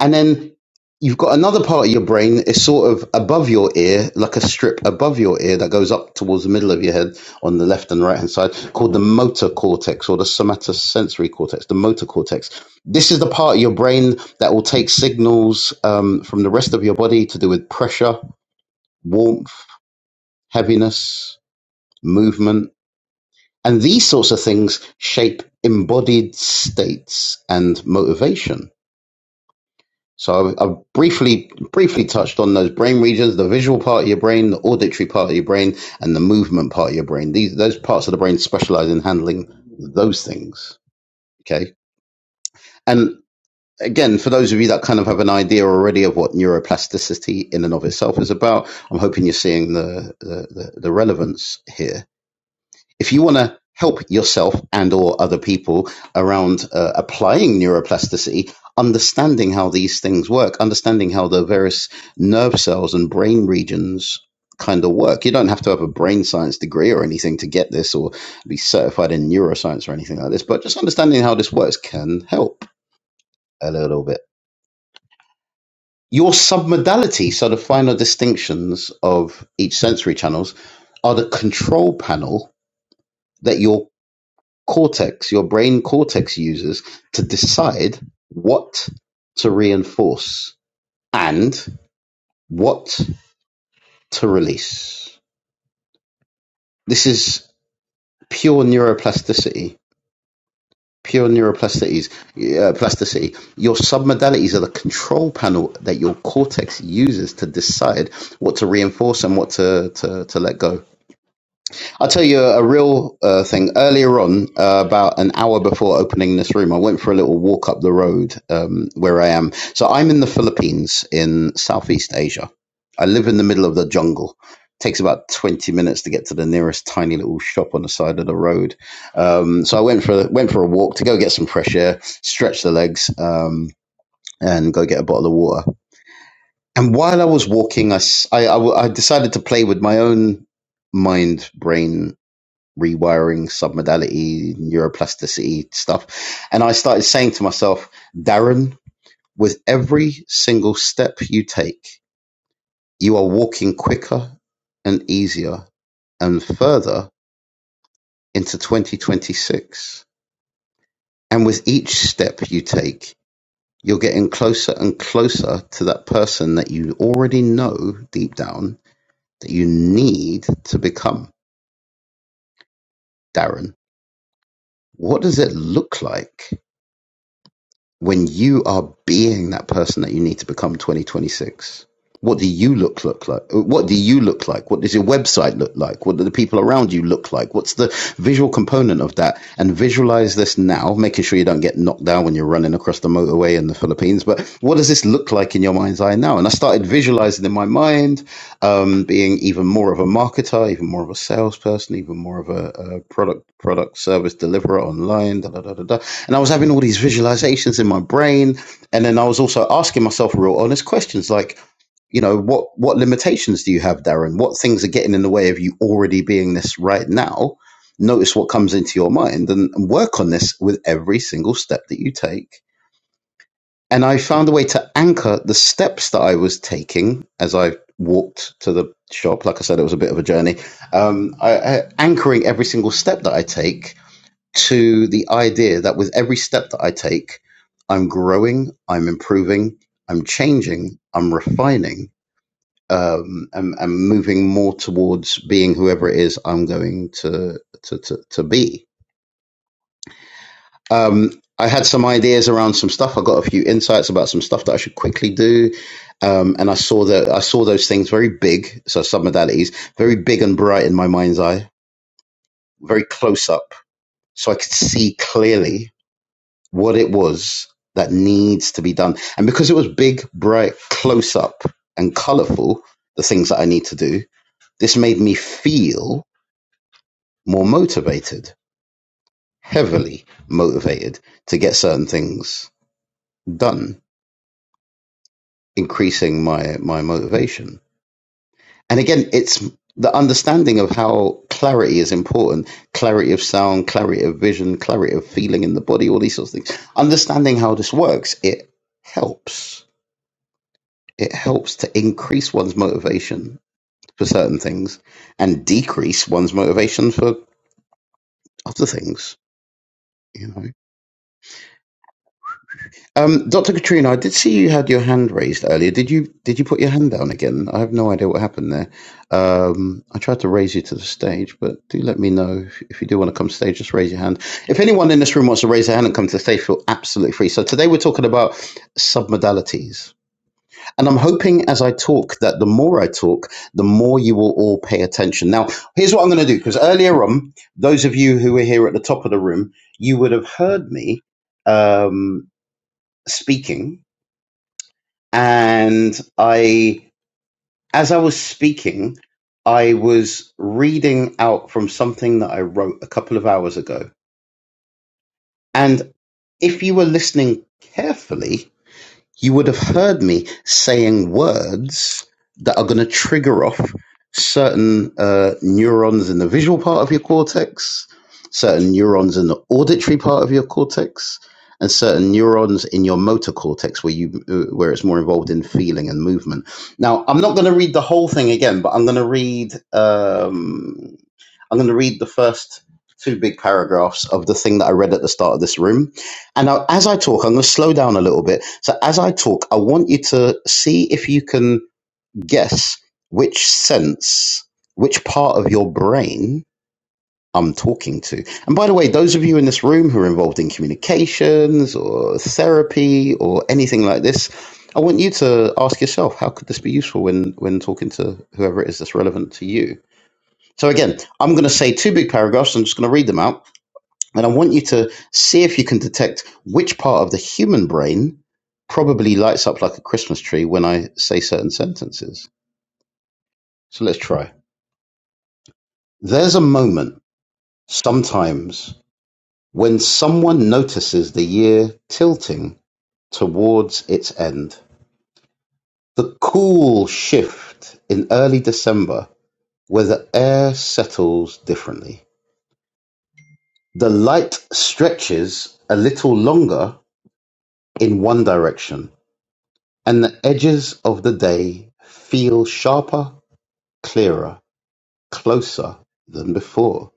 And then you've got another part of your brain It's sort of above your ear, like a strip above your ear that goes up towards the middle of your head on the left and right hand side, called the motor cortex or the somatosensory cortex, the motor cortex. This is the part of your brain that will take signals um, from the rest of your body to do with pressure, warmth, heaviness, movement And these sorts of things shape embodied states and motivation. So I, I briefly briefly touched on those brain regions, the visual part of your brain, the auditory part of your brain, and the movement part of your brain. These those parts of the brain specialize in handling those things. Okay. And again, for those of you that kind of have an idea already of what neuroplasticity in and of itself is about, I'm hoping you're seeing the the, the, the relevance here if you want to help yourself and or other people around uh, applying neuroplasticity understanding how these things work understanding how the various nerve cells and brain regions kind of work you don't have to have a brain science degree or anything to get this or be certified in neuroscience or anything like this but just understanding how this works can help a little bit your submodality so the finer distinctions of each sensory channels are the control panel that your cortex, your brain cortex uses to decide what to reinforce and what to release. This is pure neuroplasticity. Pure neuroplasticities, uh, plasticity. Your submodalities are the control panel that your cortex uses to decide what to reinforce and what to, to, to let go. I'll tell you a real uh, thing. Earlier on, uh, about an hour before opening this room, I went for a little walk up the road um, where I am. So I'm in the Philippines in Southeast Asia. I live in the middle of the jungle. takes about 20 minutes to get to the nearest tiny little shop on the side of the road. Um, so I went for went for a walk to go get some fresh air, stretch the legs, um, and go get a bottle of water. And while I was walking, I, s- I- I w- I decided to play with my own mind brain rewiring, submodality, neuroplasticity stuff. And I started saying to myself, Darren, with every single step you take, you are walking quicker and easier and further into 2026. And with each step you take, you're getting closer and closer to that person that you already know deep down that you need to become. Darren, what does it look like when you are being that person that you need to become 2026 what do you look look like what do you look like what does your website look like what do the people around you look like what's the visual component of that and visualize this now making sure you don't get knocked down when you're running across the motorway in the philippines but what does this look like in your mind's eye now and i started visualizing in my mind um, being even more of a marketer even more of a salesperson even more of a, a product product service deliverer online da, da, da, da, da and I was having all these visualizations in my brain. And then I was also asking myself real honest questions like, you know, what what limitations do you have, Darren? What things are getting in the way of you already being this right now? Notice what comes into your mind and work on this with every single step that you take. And I found a way to anchor the steps that I was taking as I walked to the shop. Like I said, it was a bit of a journey. Um, I, I, anchoring every single step that I take to the idea that with every step that I take, I'm growing, I'm improving, I'm changing, I'm refining, um, and, and moving more towards being whoever it is I'm going to to to, to be. Um, I had some ideas around some stuff. I got a few insights about some stuff that I should quickly do, um, and I saw that I saw those things very big. So submodalities very big and bright in my mind's eye, very close up, so I could see clearly what it was that needs to be done. And because it was big, bright, close up, and colorful, the things that I need to do, this made me feel more motivated, heavily motivated to get certain things done, increasing my, my motivation. And again, it's the understanding of how clarity is important clarity of sound, clarity of vision, clarity of feeling in the body, all these sorts of things. Understanding how this works, it helps It helps to increase one's motivation for certain things and decrease one's motivation for other things. You know, um, Dr. Katrina, I did see you had your hand raised earlier. Did you did you put your hand down again? I have no idea what happened there. Um, I tried to raise you to the stage, but do let me know if, if you do want to come to stage. Just raise your hand. If anyone in this room wants to raise their hand and come to the stage, feel absolutely free. So today we're talking about submodalities And I'm hoping as I talk that the more I talk, the more you will all pay attention. Now, here's what I'm going to do because earlier on, those of you who were here at the top of the room, you would have heard me um, speaking. And I, as I was speaking, I was reading out from something that I wrote a couple of hours ago. And if you were listening carefully, you would have heard me saying words that are going to trigger off certain uh, neurons in the visual part of your cortex, certain neurons in the auditory part of your cortex, and certain neurons in your motor cortex where you uh, where it's more involved in feeling and movement. Now, I'm not going to read the whole thing again, but I'm going to read. Um, I'm going to read the first two big paragraphs of the thing that I read at the start of this room. And now, as I talk, I'm going to slow down a little bit. So, as I talk, I want you to see if you can guess which sense, which part of your brain I'm talking to. And by the way, those of you in this room who are involved in communications or therapy or anything like this, I want you to ask yourself, how could this be useful when, when talking to whoever it is that's relevant to you? So again, I'm going to say two big paragraphs. I'm just going to read them out, and I want you to see if you can detect which part of the human brain probably lights up like a Christmas tree when I say certain sentences. So let's try. There's a moment sometimes when someone notices the year tilting towards its end. The cool shift in early December where the air settles differently. The light stretches a little longer in one direction, and the edges of the day feel sharper, clearer, closer than before.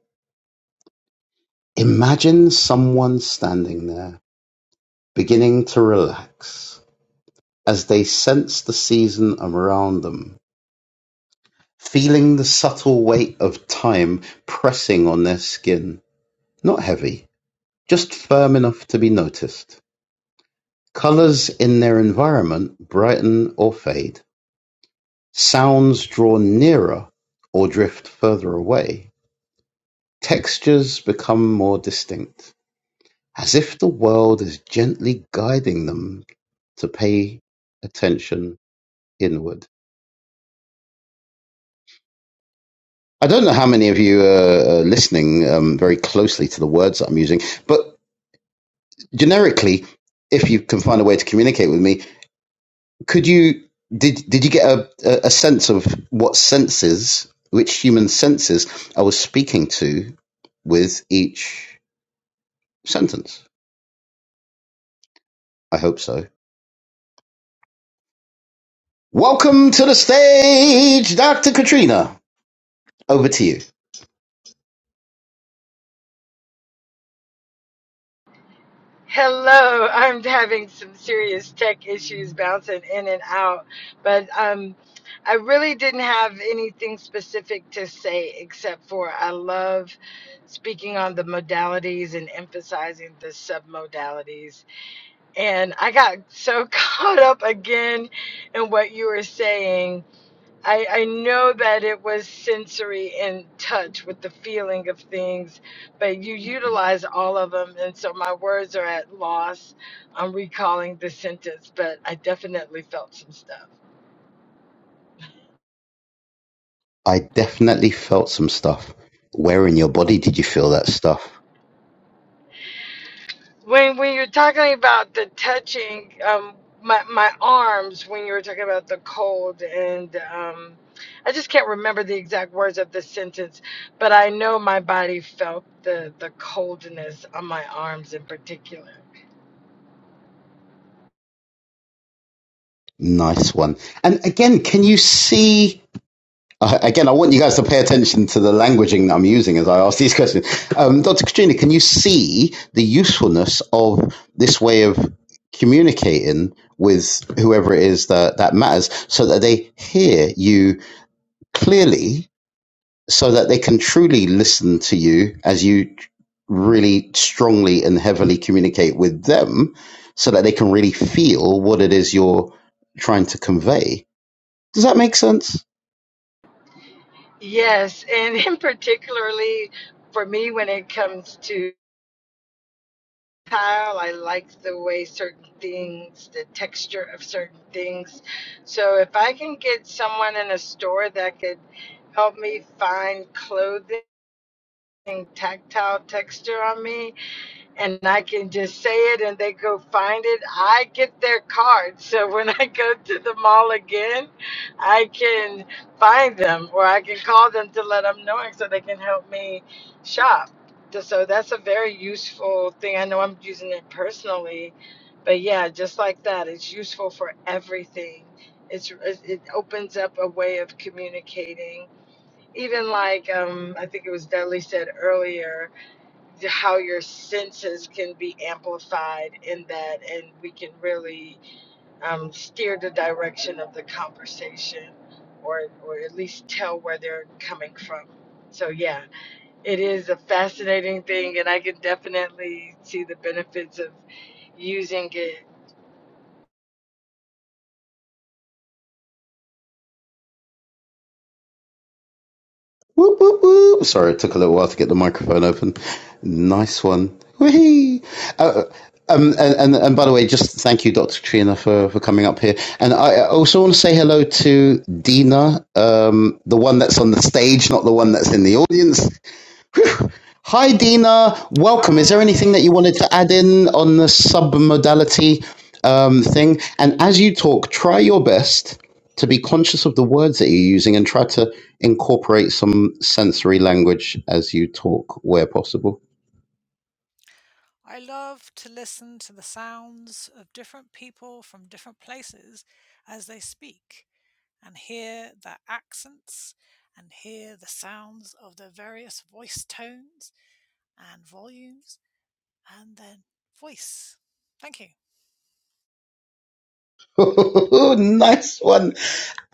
Imagine someone standing there, beginning to relax as they sense the season around them, feeling the subtle weight of time pressing on their skin. Not heavy, just firm enough to be noticed. Colors in their environment brighten or fade Sounds draw nearer or drift further away, textures become more distinct, as if the world is gently guiding them to pay attention inward. I don't know how many of you are uh, listening um, very closely to the words that I'm using, but generically, if you can find a way to communicate with me, could you did did you get a a sense of what senses, which human senses I was speaking to with each? sentence. I hope so. Welcome to the stage, Dr. Katrina. Over to you.
Hello, I'm having some serious tech issues bouncing in and out, but um, I really didn't have anything specific to say except for I love speaking on the modalities and emphasizing the submodalities. And I got so caught up again in what you were saying I, I know that it was sensory and touch with the feeling of things, but you utilize all of them. And so my words are at loss. I'm recalling the sentence, but I definitely felt some stuff.
I definitely felt some stuff. Where in your body did you feel that stuff?
When, when you're talking about the touching, um, my, my arms, when you were talking about the cold, and um, I just can't remember the exact words of the sentence, but I know my body felt the, the coldness on my arms in particular.
Nice one. And again, can you see? Uh, again, I want you guys to pay attention to the languaging that I'm using as I ask these questions. Um, Dr. Katrina, can you see the usefulness of this way of communicating with whoever it is that, that matters so that they hear you clearly so that they can truly listen to you as you really strongly and heavily communicate with them so that they can really feel what it is you're trying to convey. Does that make sense?
Yes, and in particularly for me when it comes to tile, I like the way certain things, the texture of certain things. So if I can get someone in a store that could help me find clothing tactile texture on me, and I can just say it and they go find it. I get their card. So when I go to the mall again, I can find them or I can call them to let them know so they can help me shop. So so that's a very useful thing. I know I'm using it personally, but yeah, just like that, it's useful for everything. It's, it opens up a way of communicating. Even like um, I think it was Dudley said earlier, how your senses can be amplified in that, and we can really um, steer the direction of the conversation, or or at least tell where they're coming from. So yeah, it is a fascinating thing, and I can definitely see the benefits of using it
Whoop, whoop, whoop. Sorry, it took a little while to get the microphone open. Nice one. Whee! Um, and, and, and by the way, just thank you, Dr. Trina, for, for coming up here. And I I also want to say hello to Dina, um, the one that's on the stage, not the one that's in the audience. Hi, Dina.
Yeah.
Welcome. Is there anything
Hi.
that you wanted to add in on the submodality um, thing? And as you talk, try your best to be conscious of the words that you're using and try to incorporate some sensory language as you talk where possible.
I love to listen to the sounds of different people from different places as they speak and hear their accents and hear the sounds of their various voice tones and volumes and then voice. Thank you.
nice one.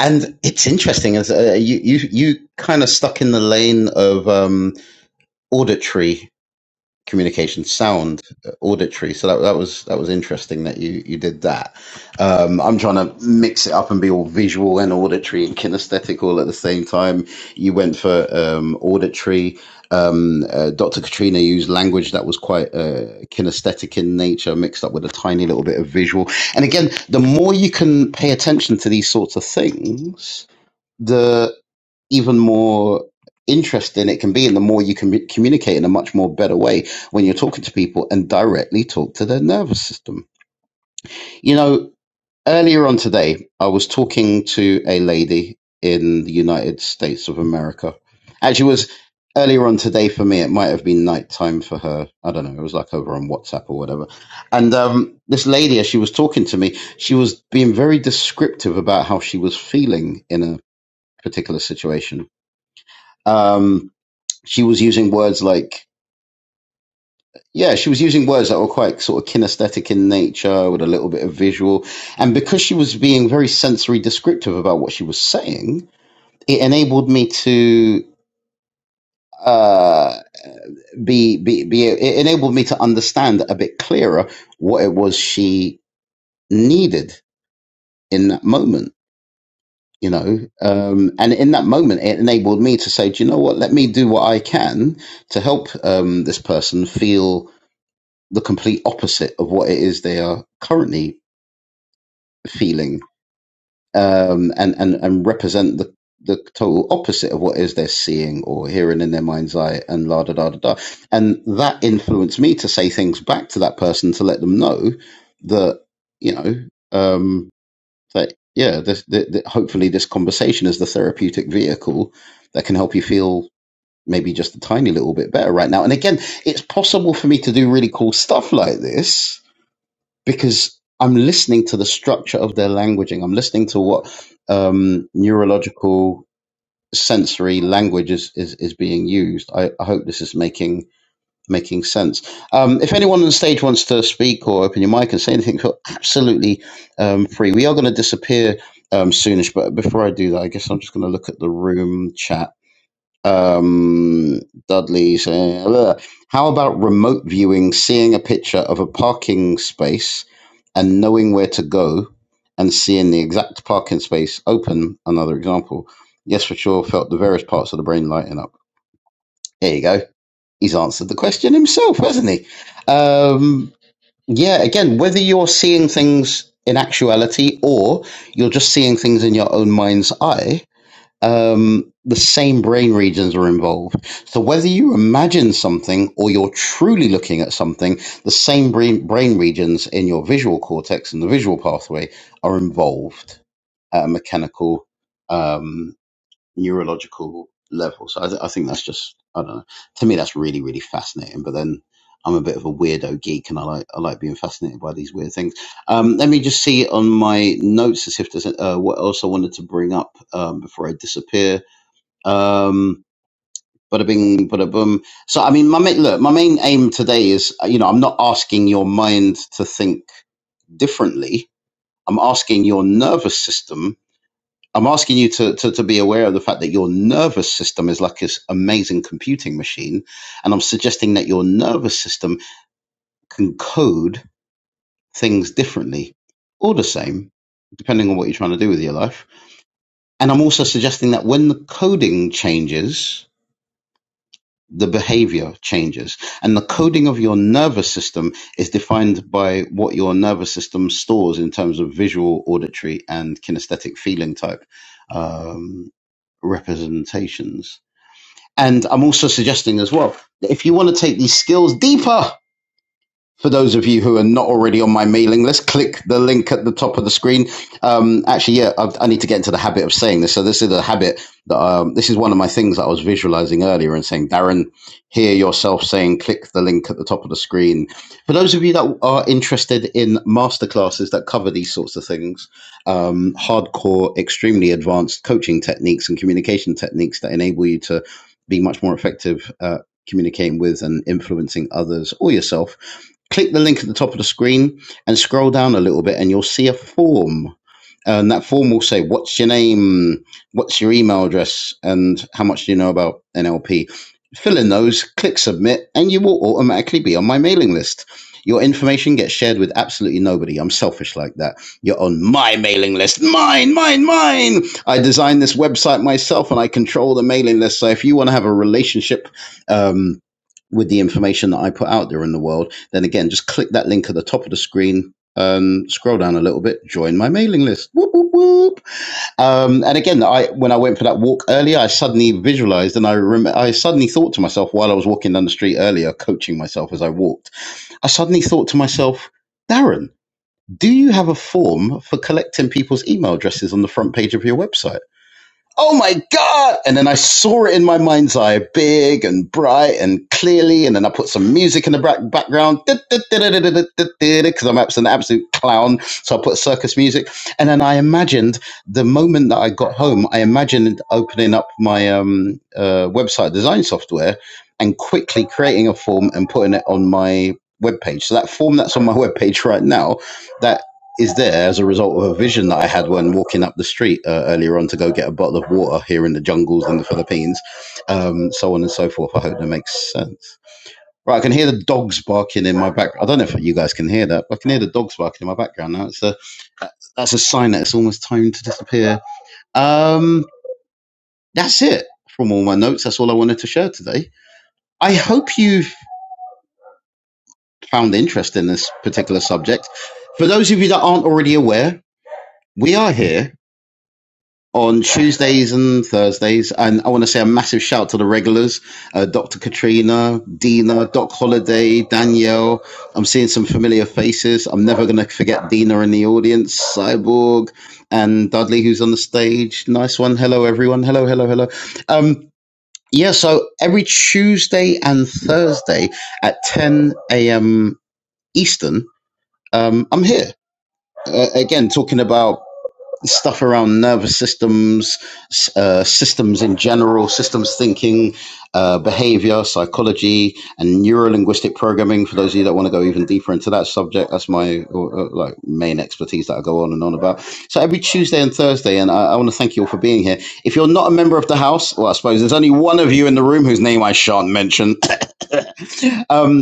And it's interesting as uh, you you you kind of stuck in the lane of um, auditory communication sound uh, auditory so that, that was that was interesting that you you did that um i'm trying to mix it up and be all visual and auditory and kinesthetic all at the same time you went for um auditory um uh, dr katrina used language that was quite uh, kinesthetic in nature mixed up with a tiny little bit of visual and again the more you can pay attention to these sorts of things the even more interesting it can be and the more you can communicate in a much more better way when you're talking to people and directly talk to their nervous system you know earlier on today i was talking to a lady in the united states of america actually it was earlier on today for me it might have been nighttime for her i don't know it was like over on whatsapp or whatever and um, this lady as she was talking to me she was being very descriptive about how she was feeling in a particular situation um, she was using words like yeah she was using words that were quite sort of kinesthetic in nature with a little bit of visual and because she was being very sensory descriptive about what she was saying it enabled me to uh be be be it enabled me to understand a bit clearer what it was she needed in that moment you know um and in that moment it enabled me to say do you know what let me do what i can to help um this person feel the complete opposite of what it is they are currently feeling um, and, and, and represent the, the total opposite of what is they're seeing or hearing in their mind's eye and la da da da da. And that influenced me to say things back to that person to let them know that, you know, um, that, yeah, this, that, that hopefully this conversation is the therapeutic vehicle that can help you feel maybe just a tiny little bit better right now. And again, it's possible for me to do really cool stuff like this because I'm listening to the structure of their languaging. I'm listening to what um, neurological sensory language is, is, is being used. I, I hope this is making making sense. Um, if anyone on the stage wants to speak or open your mic and say anything, feel absolutely um, free. We are going to disappear um, soonish, but before I do that, I guess I'm just going to look at the room chat. Um, Dudley saying, "Ugh. how about remote viewing, seeing a picture of a parking space and knowing where to go and seeing the exact parking space open, another example, yes, for sure, felt the various parts of the brain lighten up. There you go. He's answered the question himself, hasn't he? Um, yeah, again, whether you're seeing things in actuality or you're just seeing things in your own mind's eye, um, the same brain regions are involved. So whether you imagine something or you're truly looking at something, the same brain, brain regions in your visual cortex and the visual pathway are involved at a mechanical, um, neurological level. So I, th- I think that's just, I don't know. To me, that's really, really fascinating. But then I'm a bit of a weirdo geek and I like, I like being fascinated by these weird things. Um, let me just see on my notes as if there's uh, what else I wanted to bring up um, before I disappear um, bada bing, bada boom. So, I mean, my main, look, my main aim today is, uh, you know, I'm not asking your mind to think differently. I'm asking your nervous system. I'm asking you to, to, to be aware of the fact that your nervous system is like this amazing computing machine. And I'm suggesting that your nervous system can code things differently or the same, depending on what you're trying to do with your life. And I'm also suggesting that when the coding changes, the behavior changes. And the coding of your nervous system is defined by what your nervous system stores in terms of visual, auditory, and kinesthetic feeling type um, representations. And I'm also suggesting as well that if you want to take these skills deeper, for those of you who are not already on my mailing list, click the link at the top of the screen. Um, actually, yeah, i I need to get into the habit of saying this. So this is a habit that um, this is one of my things that I was visualizing earlier and saying, Darren, hear yourself saying, click the link at the top of the screen. For those of you that are interested in masterclasses that cover these sorts of things, um, hardcore, extremely advanced coaching techniques and communication techniques that enable you to be much more effective. Uh, communicating with and influencing others or yourself click the link at the top of the screen and scroll down a little bit and you'll see a form and that form will say what's your name what's your email address and how much do you know about nlp fill in those click submit and you will automatically be on my mailing list your information gets shared with absolutely nobody i'm selfish like that you're on my mailing list mine mine mine i designed this website myself and i control the mailing list so if you want to have a relationship um, with the information that I put out there in the world, then again, just click that link at the top of the screen. Um, scroll down a little bit, join my mailing list. Whoop, whoop, whoop. Um, and again, I when I went for that walk earlier, I suddenly visualized and I remember I suddenly thought to myself while I was walking down the street earlier, coaching myself as I walked, I suddenly thought to myself, Darren, do you have a form for collecting people's email addresses on the front page of your website? oh my god and then i saw it in my mind's eye big and bright and clearly and then i put some music in the background because i'm an absolute clown so i put circus music and then i imagined the moment that i got home i imagined opening up my um, uh, website design software and quickly creating a form and putting it on my webpage so that form that's on my webpage right now that is there as a result of a vision that I had when walking up the street uh, earlier on to go get a bottle of water here in the jungles in the Philippines, um, so on and so forth. I hope that makes sense. Right, I can hear the dogs barking in my background. I don't know if you guys can hear that, but I can hear the dogs barking in my background now. It's a, that's a sign that it's almost time to disappear. Um, that's it from all my notes. That's all I wanted to share today. I hope you've found interest in this particular subject. For those of you that aren't already aware, we are here on Tuesdays and Thursdays. And I want to say a massive shout to the regulars, uh, Dr. Katrina, Dina, Doc Holiday, Danielle. I'm seeing some familiar faces. I'm never going to forget Dina in the audience, Cyborg, and Dudley, who's on the stage. Nice one. Hello, everyone. Hello, hello, hello. Um, yeah, so every Tuesday and Thursday at 10 a.m. Eastern, um, I'm here. Uh, again, talking about stuff around nervous systems, uh, systems in general, systems thinking, uh, behavior, psychology, and neuro-linguistic programming. For those of you that want to go even deeper into that subject, that's my uh, uh, like main expertise that I go on and on about. So every Tuesday and Thursday, and I, I want to thank you all for being here. If you're not a member of the house, well, I suppose there's only one of you in the room whose name I shan't mention. Um,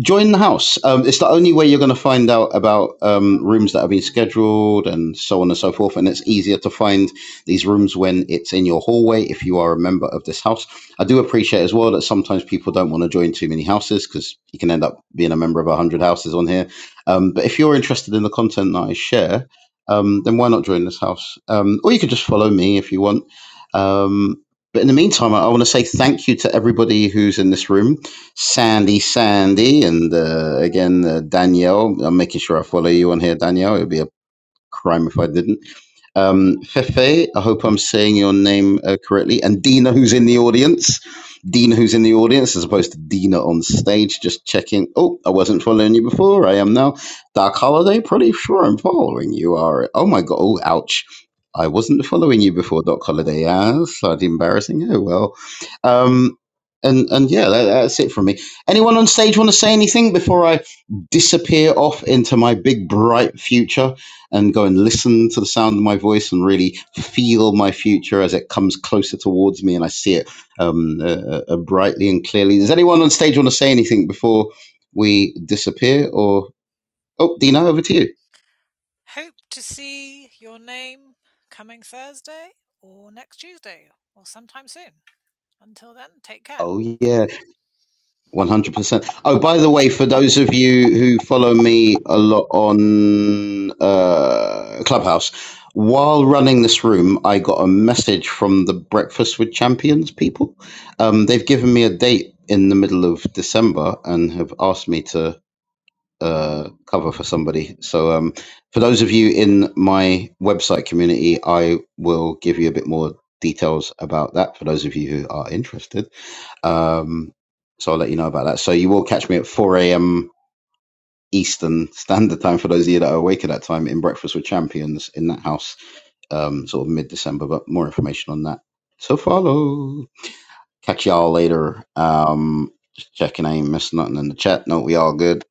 join the house. Um, it's the only way you're going to find out about um, rooms that have been scheduled and so on and so forth. And it's easier to find these rooms when it's in your hallway if you are a member of this house. I do appreciate as well that sometimes people don't want to join too many houses because you can end up being a member of 100 houses on here. Um, but if you're interested in the content that I share, um, then why not join this house? Um, or you could just follow me if you want. Um, but in the meantime, I, I want to say thank you to everybody who's in this room. Sandy, Sandy, and uh, again, uh, Danielle. I'm making sure I follow you on here, Danielle. It would be a crime if I didn't. Um, Fefe, I hope I'm saying your name uh, correctly. And Dina, who's in the audience. Dina, who's in the audience, as opposed to Dina on stage. Just checking. Oh, I wasn't following you before. I am now. Dark Holiday, pretty sure I'm following you. Are Oh my God. Oh, ouch. I wasn't following you before, Doc Holiday. Yeah, slightly embarrassing. Oh, well. Um, and, and yeah, that, that's it from me. Anyone on stage want to say anything before I disappear off into my big bright future? and go and listen to the sound of my voice and really feel my future as it comes closer towards me and I see it um, uh, uh, uh, brightly and clearly. Does anyone on stage want to say anything before we disappear? Or oh, Dina, over to you.
Hope to see your name coming Thursday or next Tuesday or sometime soon. Until then, take care.
Oh yeah. 100%. Oh, by the way, for those of you who follow me a lot on uh, Clubhouse, while running this room, I got a message from the Breakfast with Champions people. Um, they've given me a date in the middle of December and have asked me to uh, cover for somebody. So, um, for those of you in my website community, I will give you a bit more details about that for those of you who are interested. Um, so I'll let you know about that. So you will catch me at 4 a.m. Eastern Standard Time for those of you that are awake at that time in Breakfast with Champions in that house, um, sort of mid December. But more information on that. So follow. Catch y'all later. Um, just checking I ain't missed nothing in the chat. No, we all good.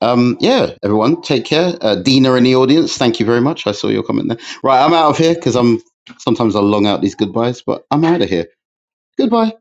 Um, yeah, everyone, take care. Uh, Dina in the audience, thank you very much. I saw your comment there. Right, I'm out of here because I'm sometimes I long out these goodbyes, but I'm out of here. Goodbye.